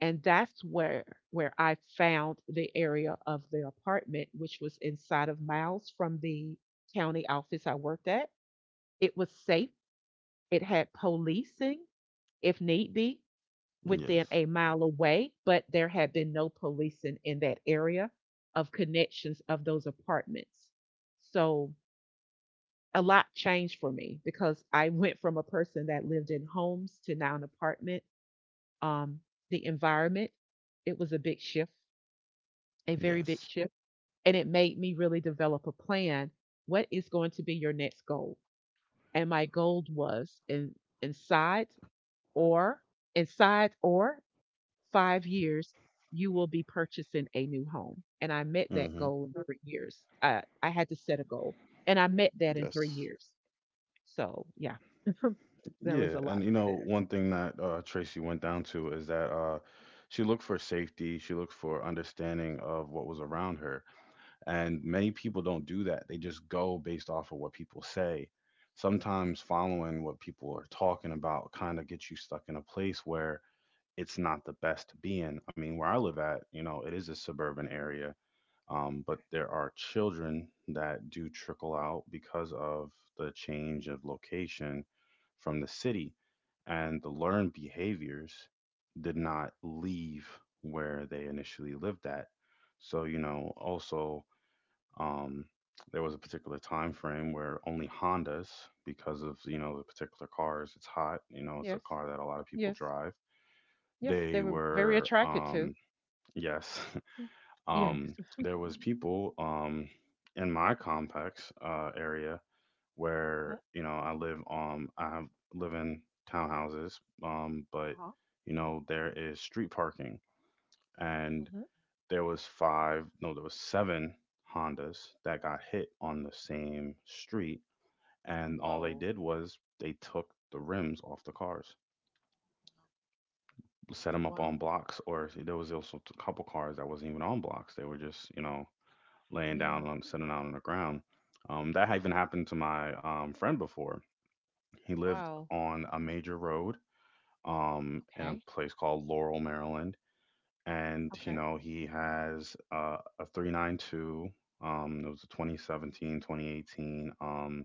Speaker 2: And that's where I found the area of the apartment, which was inside of miles from the county office I worked at. It was safe. It had policing, if need be, within
Speaker 1: Yes.
Speaker 2: a mile away, but there had been no policing in that area of connections of those apartments. So a lot changed for me because I went from a person that lived in homes to now an apartment. Um, the environment, it was a big shift, a very
Speaker 1: Yes.
Speaker 2: big shift. And it made me really develop a plan. What is going to be your next goal? And my goal was in, inside or inside or 5 years, you will be purchasing a new home. And I met that
Speaker 1: Mm-hmm.
Speaker 2: goal in 3 years. I had to set a goal, and I met that in three
Speaker 1: Yes.
Speaker 2: years. So yeah, there was
Speaker 1: Yeah,
Speaker 2: a
Speaker 1: and
Speaker 2: lot
Speaker 1: you know,
Speaker 2: there.
Speaker 1: one thing that Tracy went down to is that she looked for safety, she looked for understanding of what was around her. And many people don't do that. They just go based off of what people say. Sometimes following what people are talking about kind of gets you stuck in a place where it's not the best to be in. I mean, where I live at, you know, it is a suburban area. But there are children that do trickle out because of the change of location from the city, and the learned behaviors did not leave where they initially lived at. So, you know, also, um, there was a particular time frame where only Hondas, because of, you know, the particular cars, it's hot, you know, it's a
Speaker 2: Yes,
Speaker 1: car that a lot of people
Speaker 2: yes,
Speaker 1: drive.
Speaker 2: yes.
Speaker 1: They
Speaker 2: They were very
Speaker 1: were,
Speaker 2: attracted to.
Speaker 1: yes,
Speaker 2: Yeah.
Speaker 1: um,
Speaker 2: Yes.
Speaker 1: there was people in my complex area
Speaker 2: Mm-hmm.
Speaker 1: where you know I live, live in townhouses, but
Speaker 2: Uh-huh.
Speaker 1: you know there is street parking, and
Speaker 2: Hmm.
Speaker 1: there was five, no, there was seven Hondas that got hit on the same street, and all they
Speaker 2: Whoa.
Speaker 1: did was they took the rims off the cars, set them up on
Speaker 2: Wow.
Speaker 1: blocks, or there was also a couple cars that wasn't even on blocks, they were just, you know, laying
Speaker 2: Yeah.
Speaker 1: down, sitting out on the ground. That had even happened to my friend before. He lived
Speaker 2: Wow.
Speaker 1: on a major road in a
Speaker 2: Okay.
Speaker 1: place called Laurel, Maryland. And, you
Speaker 2: Okay.
Speaker 1: know, he has a 392. It was a 2017, 2018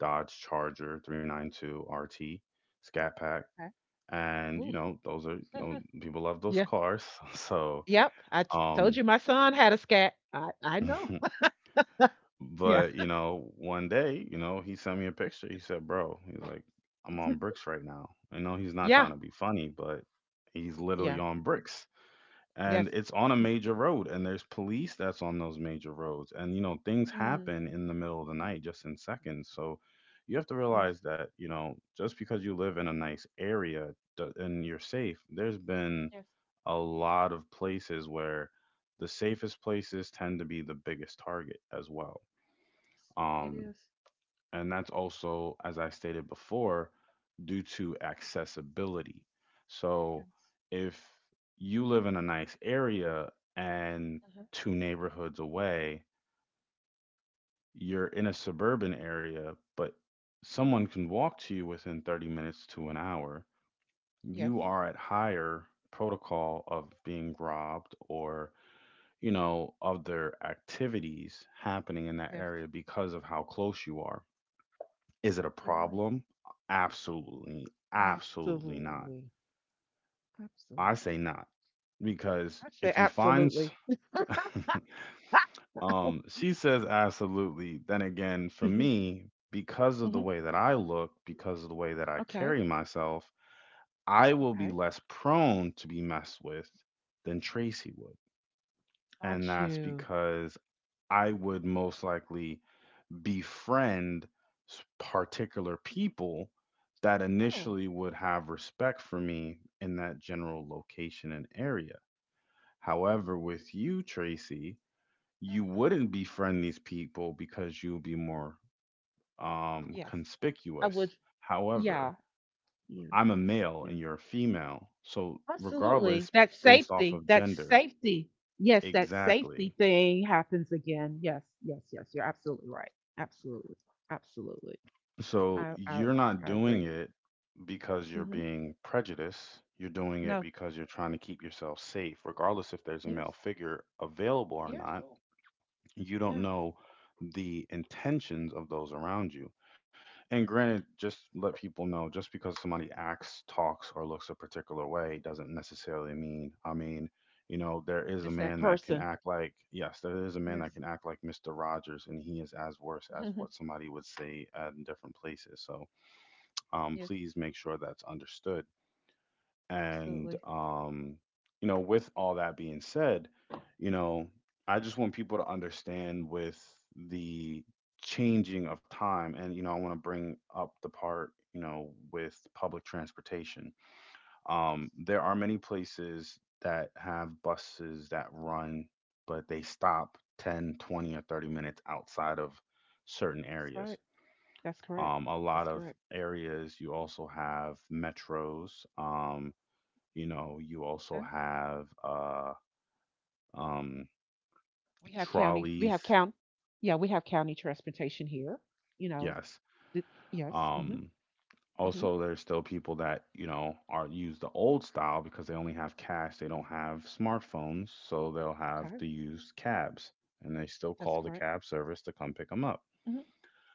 Speaker 1: Dodge Charger 392 RT Scat Pack.
Speaker 2: Okay.
Speaker 1: And, you
Speaker 2: Ooh.
Speaker 1: know, those are, you know, people love those
Speaker 2: Yeah.
Speaker 1: cars. So,
Speaker 2: Yep. I told
Speaker 1: um,
Speaker 2: you my son had a scat. I know. Yeah.
Speaker 1: but you know, one day, you know, he sent me a picture. He said, "Bro," he's like, "I'm on bricks right now." I know he's not
Speaker 2: Yeah.
Speaker 1: trying to be funny, but he's literally
Speaker 2: Yeah.
Speaker 1: on bricks, and
Speaker 2: Yes.
Speaker 1: it's on a major road, and there's police that's on those major roads, and you know, things
Speaker 2: Mm.
Speaker 1: happen in the middle of the night, just in seconds. So you have to
Speaker 2: Yes.
Speaker 1: realize that, you know, just because you live in a nice area do- and you're safe, there's been
Speaker 2: Yes,
Speaker 1: a lot of places where the safest places tend to be the biggest target as well.
Speaker 2: yes, it
Speaker 1: Um,
Speaker 2: is.
Speaker 1: and that's also, as I stated before, due to accessibility. So
Speaker 2: Yes.
Speaker 1: if you live in a nice area and
Speaker 2: Uh-huh.
Speaker 1: two neighborhoods away, you're in a suburban area, but
Speaker 2: Uh-huh.
Speaker 1: someone can walk to you within 30 minutes to an hour,
Speaker 2: Yes.
Speaker 1: you are at higher protocol of being robbed or, you know, other activities happening in that
Speaker 2: Yes.
Speaker 1: area because of how close you are. Is it a
Speaker 2: You're right.
Speaker 1: problem? Absolutely, absolutely not.
Speaker 2: Absolutely.
Speaker 1: I
Speaker 2: Absolutely.
Speaker 1: say not because
Speaker 2: I'd say
Speaker 1: if you find,
Speaker 2: absolutely. Ah!
Speaker 1: she says absolutely. Then again, for me, because of the
Speaker 2: Mhm.
Speaker 1: way that I look, because of the way that I
Speaker 2: Okay.
Speaker 1: carry myself, I will be
Speaker 2: Okay.
Speaker 1: less prone to be messed with than Tracy would,
Speaker 2: Got
Speaker 1: and that's
Speaker 2: you.
Speaker 1: because I would most likely befriend particular people that
Speaker 2: Oh,
Speaker 1: initially would have respect for me in that general location and area.
Speaker 2: wow.
Speaker 1: However, with you, Tracy, you
Speaker 2: Uh-huh.
Speaker 1: wouldn't befriend these people because you'll be more
Speaker 2: Yes. I
Speaker 1: conspicuous.
Speaker 2: would. Yeah.
Speaker 1: However,
Speaker 2: Yeah.
Speaker 1: I'm a male
Speaker 2: Yeah.
Speaker 1: and you're a female. So,
Speaker 2: Absolutely.
Speaker 1: regardless,
Speaker 2: That
Speaker 1: based off
Speaker 2: safety,
Speaker 1: of
Speaker 2: that
Speaker 1: gender,
Speaker 2: safety. Yes, that
Speaker 1: exactly.
Speaker 2: safety thing happens again. Yes, yes, yes. You're absolutely right. Absolutely. Absolutely.
Speaker 1: So
Speaker 2: I
Speaker 1: you're
Speaker 2: so,
Speaker 1: not
Speaker 2: I
Speaker 1: doing
Speaker 2: agree.
Speaker 1: it because
Speaker 2: Yeah.
Speaker 1: you're
Speaker 2: Hmm.
Speaker 1: being prejudiced. You're doing it
Speaker 2: No.
Speaker 1: because you're trying to keep yourself safe, regardless if there's a male
Speaker 2: Yes.
Speaker 1: figure available or
Speaker 2: Yes,
Speaker 1: not.
Speaker 2: no.
Speaker 1: You don't
Speaker 2: Yeah.
Speaker 1: know the intentions of those around you. And granted, just let people know just because somebody acts, talks, or looks a particular way doesn't necessarily mean, I mean, you know, there is a
Speaker 2: It's that
Speaker 1: man that can
Speaker 2: person.
Speaker 1: act like, yes, there is a man
Speaker 2: Yes.
Speaker 1: that can act like Mr. Rogers, and he is as worse as what somebody would say in different places. So,
Speaker 2: Yes.
Speaker 1: please make sure that's understood. And,
Speaker 2: Absolutely.
Speaker 1: you know, with all that being said, you know, I just want people to understand with the changing of time. And, you know, I want to bring up the part, you know, with public transportation. There are many places that have buses that run, but they stop 10, 20, or 30 minutes outside of certain
Speaker 2: That's
Speaker 1: areas.
Speaker 2: right. That's correct.
Speaker 1: A
Speaker 2: That's
Speaker 1: lot of
Speaker 2: correct.
Speaker 1: areas you also have metros. You know, you also
Speaker 2: Okay.
Speaker 1: have um,
Speaker 2: We have county. We have
Speaker 1: trolleys.
Speaker 2: count. Yeah, we have county transportation here. You know.
Speaker 1: Yes.
Speaker 2: The, yes. Hmm.
Speaker 1: Um,
Speaker 2: Hmm.
Speaker 1: also, there's still people that you know are use the old style because they only have cash. They don't have smartphones, so they'll have
Speaker 2: Okay.
Speaker 1: to use cabs, and they still
Speaker 2: That's
Speaker 1: call the
Speaker 2: correct.
Speaker 1: cab service to come pick them up.
Speaker 2: Mm hmm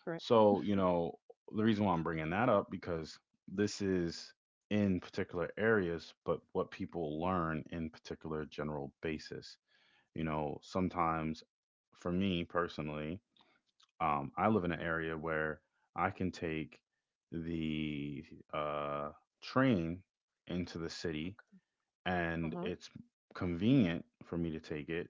Speaker 2: Correct.
Speaker 1: So, you know, the reason why I'm bringing that up because this is in particular areas, but what people learn in particular general basis. You know, sometimes for me personally, I live in an area where I can take the train into the city,
Speaker 2: Uh
Speaker 1: and
Speaker 2: huh.
Speaker 1: it's convenient for me to take it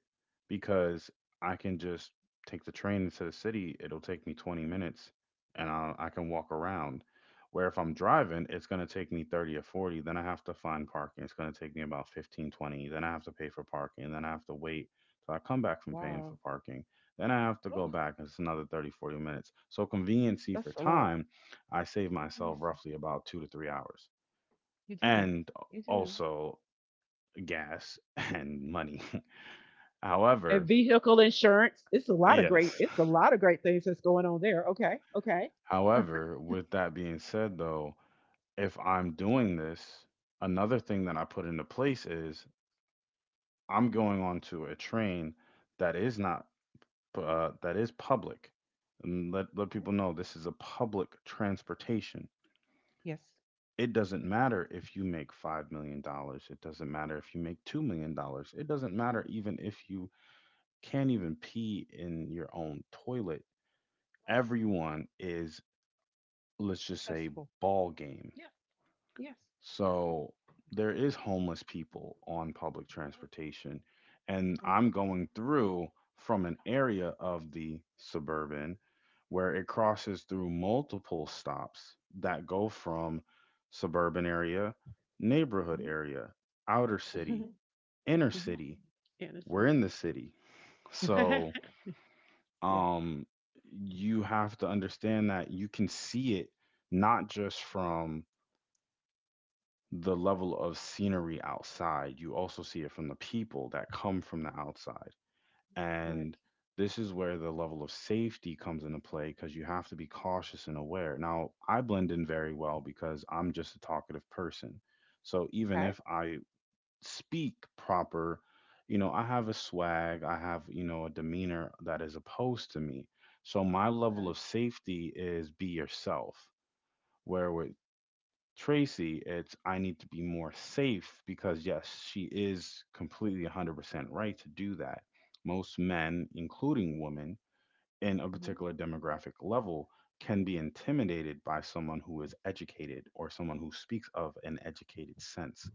Speaker 1: because I can just take the train into the city. It'll take me 20 minutes and I'll, I can walk around. Where if I'm driving, it's going to take me 30 or 40. Then I have to find parking. It's going to take me about 15, 20. Then I have to pay for parking. Then I have to wait till I come back from paying
Speaker 2: Wow.
Speaker 1: for parking. Then I have to go
Speaker 2: Oh,
Speaker 1: back. And It's another 30, 40 minutes. So, conveniency for
Speaker 2: that's a lot.
Speaker 1: time, I save
Speaker 2: Yes,
Speaker 1: myself roughly about 2 to 3 hours.
Speaker 2: you do.
Speaker 1: And
Speaker 2: You do.
Speaker 1: also, gas and money.
Speaker 2: And
Speaker 1: However,
Speaker 2: vehicle insurance. It's a lot of great.
Speaker 1: yes.
Speaker 2: It's a lot of great things that's going on there. Okay, okay. All
Speaker 1: However, with that being said, though, if I'm doing this, another thing that I put into place is I'm going onto a train that is not that is public. And let
Speaker 2: right?
Speaker 1: people know this is a public transportation.
Speaker 2: Yes.
Speaker 1: It doesn't matter if you make $5 million. It doesn't matter if you make $2 million. It doesn't matter even if you can't even pee in your own toilet,
Speaker 2: Yes.
Speaker 1: everyone is, let's just say,
Speaker 2: Accessible.
Speaker 1: ball game.
Speaker 2: Yeah. Yes.
Speaker 1: So there is homeless people on public
Speaker 2: Uh,
Speaker 1: transportation and
Speaker 2: for it
Speaker 1: I'm going through from an area of the suburban where it
Speaker 2: all.
Speaker 1: crosses through multiple stops that go from suburban area, neighborhood
Speaker 2: Mm-hmm.
Speaker 1: area, outer city, inner
Speaker 2: Hmm.
Speaker 1: city.
Speaker 2: Yeah, that's
Speaker 1: We're
Speaker 2: it.
Speaker 1: in the city. So
Speaker 2: Yeah.
Speaker 1: um, you have to understand that you can see it not just from the level of scenery outside, you also see it from the people that come from the outside.
Speaker 2: For.
Speaker 1: And this is where the level of safety comes into play because you have to be cautious and aware. Now, I blend in very well because I'm just a talkative person. So even
Speaker 2: Okay.
Speaker 1: if I speak proper. You know, I have a swag, I have, you know, a demeanor that is opposed to me. So my level
Speaker 2: Okay.
Speaker 1: of safety is be yourself. Where with Tracy, it's I need to be more safe because, yes, she is completely 100% right to do that. Most men, including women in a
Speaker 2: Mm-hmm.
Speaker 1: particular demographic level, can be intimidated by someone who is educated or someone who speaks of an educated sense.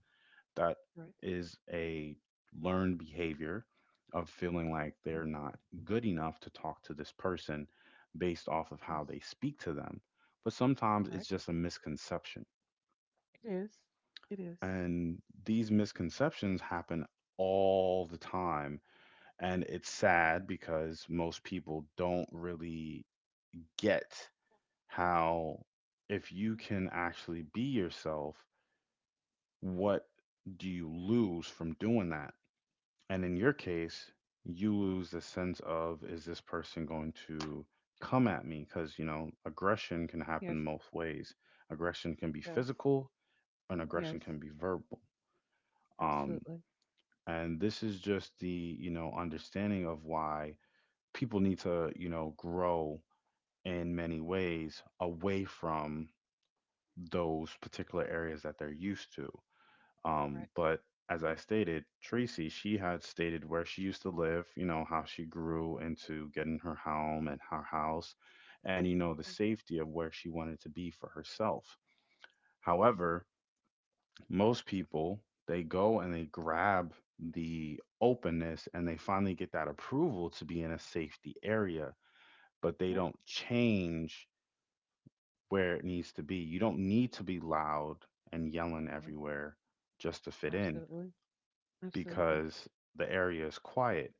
Speaker 1: That
Speaker 2: For.
Speaker 1: is a learned behavior of feeling like
Speaker 2: Hmm.
Speaker 1: they're not good enough to talk to this person based off of
Speaker 2: Yes.
Speaker 1: how they speak to them. But sometimes
Speaker 2: Correct.
Speaker 1: it's just a misconception.
Speaker 2: It is. It is.
Speaker 1: And these misconceptions happen all the time. And it's
Speaker 2: Um,
Speaker 1: sad because most people don't really get how, if you can actually be yourself, what do you lose from doing that? And in your case, you lose the sense of is this person going to come at me? Because, you know, aggression can
Speaker 2: yeah, yes. Yes.
Speaker 1: happen
Speaker 2: Yes.
Speaker 1: both ways. Aggression can be
Speaker 2: It does.
Speaker 1: physical and
Speaker 2: Yes.
Speaker 1: aggression can be verbal. Um,
Speaker 2: Absolutely.
Speaker 1: and this is just the, you know, understanding of why people need to, you know, grow in many ways away from those particular areas that they're used to.
Speaker 2: Correct.
Speaker 1: But as I stated, Tracy, she had stated where she used to live, you know, how she grew into getting her home and her house, and, you know, the
Speaker 2: Yeah.
Speaker 1: safety of where she wanted to be for herself.
Speaker 2: Yes.
Speaker 1: However, most people, they go and they grab the openness and they finally get that approval to be in a safety area, but they
Speaker 2: Hmm.
Speaker 1: don't change where it needs to be. You don't need to be loud and yelling
Speaker 2: Oh,
Speaker 1: everywhere just to fit in
Speaker 2: absolutely. Absolutely.
Speaker 1: because the area is quiet.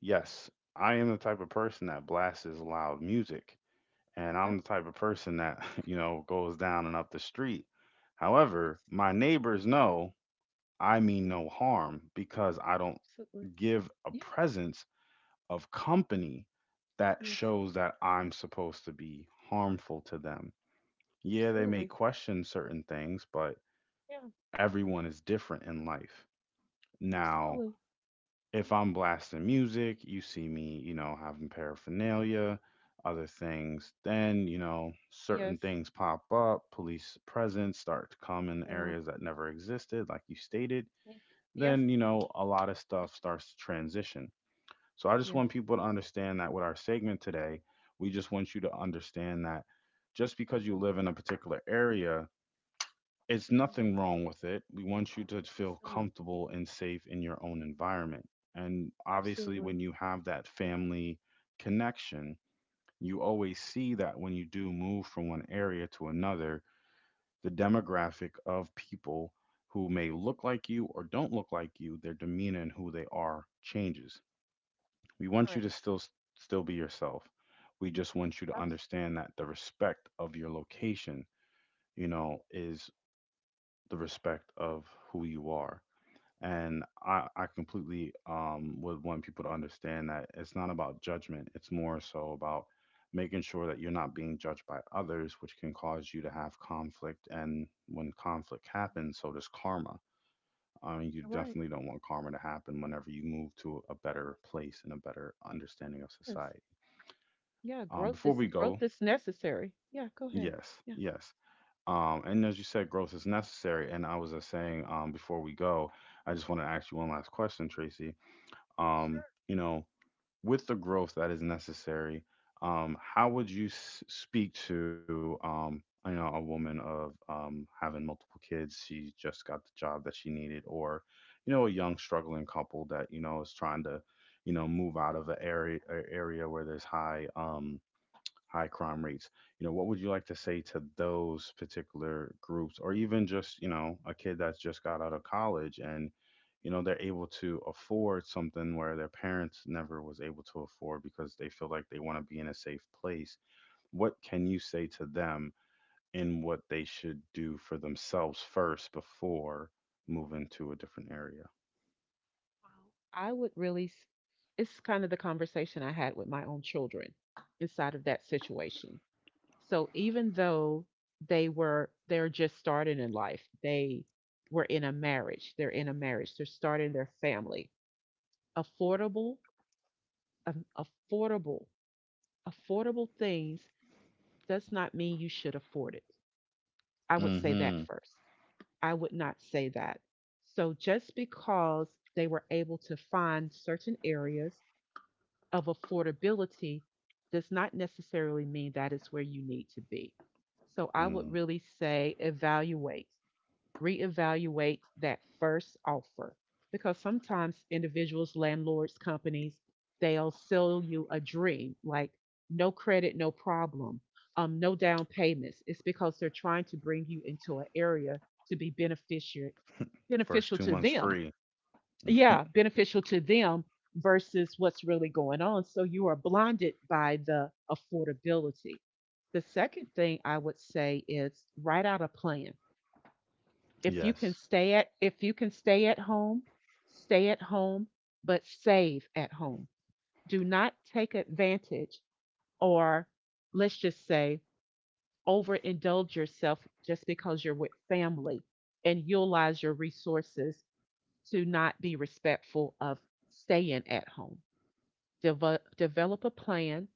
Speaker 1: Yes, I am the type of person that blasts loud music, and
Speaker 2: Okay.
Speaker 1: I'm the type of person that, you know, goes down and up the street.
Speaker 2: Yes.
Speaker 1: However, my neighbors know I mean
Speaker 2: Yeah.
Speaker 1: no harm because I don't
Speaker 2: Absolutely.
Speaker 1: give a
Speaker 2: Yeah.
Speaker 1: presence of company that
Speaker 2: Yes.
Speaker 1: shows that I'm supposed to be harmful to them. Yeah, they may
Speaker 2: Absolutely.
Speaker 1: question certain things, but
Speaker 2: Yeah.
Speaker 1: everyone is different in life. Now,
Speaker 2: Absolutely.
Speaker 1: if I'm blasting music, you see me, you know, having paraphernalia, other things, then, you know, certain
Speaker 2: Yes.
Speaker 1: things pop up, police presence start to come in
Speaker 2: Yeah.
Speaker 1: areas that never existed, like you stated,
Speaker 2: Yes. Yes.
Speaker 1: then, you know, a lot of stuff starts to transition. So I just
Speaker 2: Yes.
Speaker 1: want people to understand that with our segment today, we just want you to understand that just because you live in a particular area, it's
Speaker 2: Yeah.
Speaker 1: nothing wrong with it. We want you to feel
Speaker 2: It's not.
Speaker 1: comfortable and safe in your own environment. And obviously,
Speaker 2: Absolutely.
Speaker 1: when you have that family connection, you always see that when you do move from one area to another, the demographic of people who may look like you or don't look like you, their demeanor and who they are changes. We want you
Speaker 2: Correct.
Speaker 1: to still be yourself. We just want you to
Speaker 2: Absolutely.
Speaker 1: understand that the respect of your location, you know, is the respect of who you are. And I completely would want people to understand that it's not about judgment. It's more so about making sure
Speaker 2: Yeah.
Speaker 1: that you're not being judged by others, which can cause you to have conflict. And when conflict happens, so does karma. I mean, you
Speaker 2: You're right.
Speaker 1: definitely don't want karma to happen whenever you move to a better place and a better understanding of
Speaker 2: Yes.
Speaker 1: society.
Speaker 2: Yeah.
Speaker 1: Before we go,
Speaker 2: Growth is necessary. Yeah. Go ahead.
Speaker 1: yes,
Speaker 2: Yeah.
Speaker 1: yes. And as you said, growth is necessary. And I was just saying, before we go, I just want to ask you one last question, Tracy.
Speaker 2: Sure.
Speaker 1: You know, with the growth that is necessary, how would you speak to, you know, a woman of, having multiple kids? She just got the job that she needed, or, you know, a young struggling couple that you know is trying to, you know, move out of an area, a area where there's high, high crime rates. You know, what would you like to say to those particular groups, or even just, you know, a kid that's just got out of college and you know they're able to afford something where their parents never was able to afford because they feel like they want to be in a safe place. What can you say to them in what they should do for themselves first before moving to a different area?
Speaker 2: Well, I would really. It's kind of the conversation I had with my own children inside of that situation. So even though they're just starting in life, they were in a marriage, they're in a marriage, they're starting their family. Affordable, affordable, affordable things does not mean you should afford it. I would say that
Speaker 1: Mm-hmm.
Speaker 2: first. I would not say that. So just because they were able to find certain areas of affordability does not necessarily mean that is where you need to be. So I would
Speaker 1: Mm.
Speaker 2: really say evaluate reevaluate that first offer, because sometimes individuals, landlords, companies, they'll sell you a dream like no credit, no problem, no down payments. It's because they're trying to bring you into an area to be beneficiary,
Speaker 1: First
Speaker 2: beneficial
Speaker 1: two
Speaker 2: to
Speaker 1: months
Speaker 2: them.
Speaker 1: free.
Speaker 2: Yeah, beneficial to them versus what's really going on. So you are blinded by the affordability. The second thing I would say is write out a plan. If you can
Speaker 1: Yes.
Speaker 2: stay at if you can stay at home, but save at home. Do not take advantage or, let's just say, overindulge yourself just because you're with family and utilize your resources to not be respectful of staying at home. Develop develop a plan.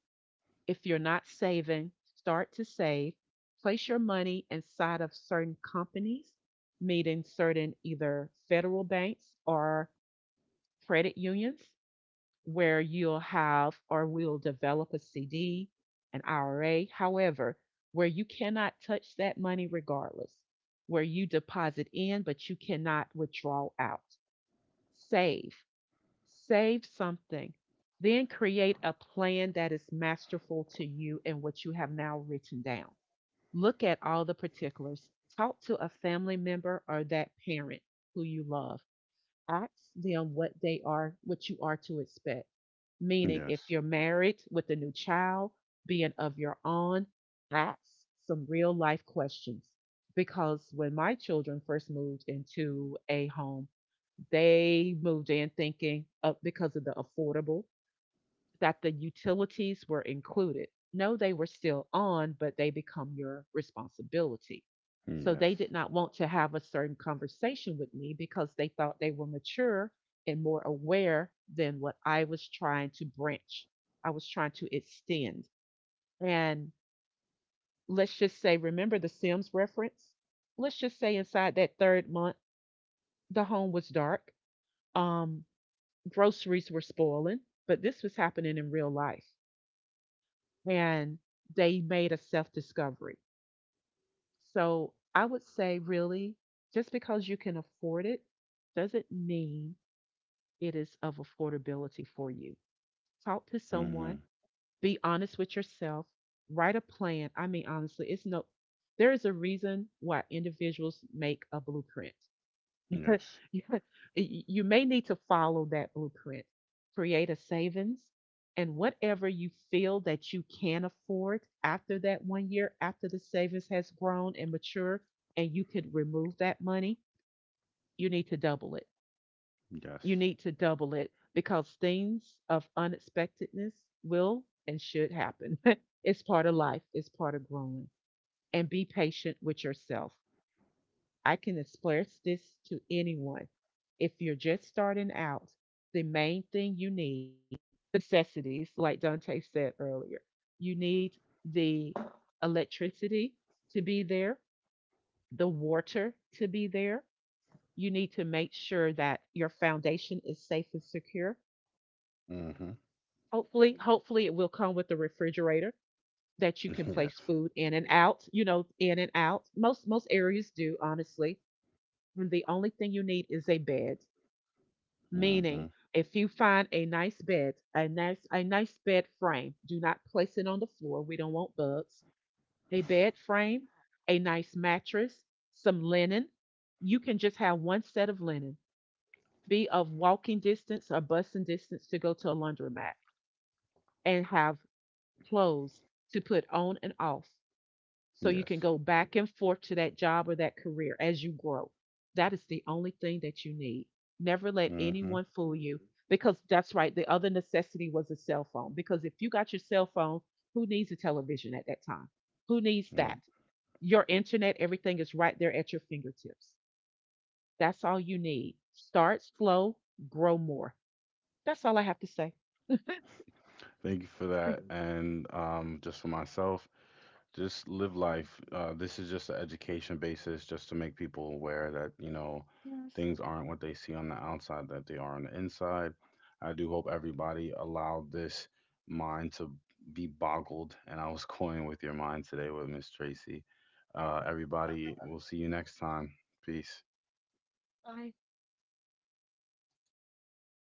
Speaker 2: If you're not saving, start to save. Place your money inside of certain companies, meaning certain either federal banks or credit unions, where you'll have or will develop a CD, an IRA, however, where you cannot touch that money regardless, where you deposit in, but you cannot withdraw out. Save Save something, then create a plan that is masterful to you and what you have now written down. Look at all the particulars. Talk to a family member or that parent who you love, ask them what they are, what you are to expect. Meaning, if
Speaker 1: Yes.
Speaker 2: you're married with a new child, being of your own, ask some real life questions. Because when my children first moved into a home, they moved in thinking of, because of the affordable, that the utilities were included. No, they were still on, but they become your responsibility. So
Speaker 1: Yes.
Speaker 2: they did not want to have a certain conversation with me because they thought they were mature and more aware than what I was trying to branch. I was trying to extend. And, let's just say, remember the Sims reference? Let's just say inside that third month, the home was dark. Um, Groceries were spoiling, but this was happening in real life. And they made a self discovery. So I would say, really, just because you can afford it doesn't mean it is of affordability for you. Talk to
Speaker 1: Mm-hmm.
Speaker 2: someone, be honest with yourself, write a plan. I mean, honestly, it's no, there is a reason why individuals make a blueprint.
Speaker 1: Yes.
Speaker 2: you you may need to follow that blueprint. Create a savings, and whatever you feel that you can afford after that one year, after the savings has grown and mature, and you could remove that money, you need to double it.
Speaker 1: Yes.
Speaker 2: You need to double it because things of unexpectedness will and should happen. It's part of life, it's part of growing. And be patient with yourself. I can express this to anyone. If you're just starting out, the main thing you need, the necessities, like Dante said earlier, you need the electricity to be there, the water to be there. You need to make sure that your foundation is safe and secure.
Speaker 1: Mm-hmm.
Speaker 2: Hopefully, hopefully it will come with a refrigerator that you can
Speaker 1: Yes.
Speaker 2: place food in and out, you know, in and out. Most areas do, honestly. And the only thing you need is a bed.
Speaker 1: Mm-hmm.
Speaker 2: Meaning, if you find a nice bed, a nice bed frame, do not place it on the floor. We don't want bugs. A bed frame, a nice mattress, some linen. You can just have one set of linen. Be of walking distance or busing distance to go to a laundromat and have clothes to put on and off so you
Speaker 1: Yes.
Speaker 2: can go back and forth to that job or that career as you grow. That is the only thing that you need. Never let
Speaker 1: Mm-hmm.
Speaker 2: anyone fool you because that's right. The other necessity was a cell phone, because if you got your cell phone, who needs a television at that time? Who needs that?
Speaker 1: Nope.
Speaker 2: Your internet, everything is right there at your fingertips. That's all you need. Start slow, grow more. That's all I have to say.
Speaker 1: Thank you for that. And, just for myself, just live life. This is just an education basis, just to make people aware that, you know,
Speaker 2: Yes.
Speaker 1: things aren't what they see on the outside, that they are on the inside. I do hope everybody allowed this mind to be boggled. And I was toying with your mind today with Miss Tracy. Everybody, we'll see you next time. Peace.
Speaker 2: I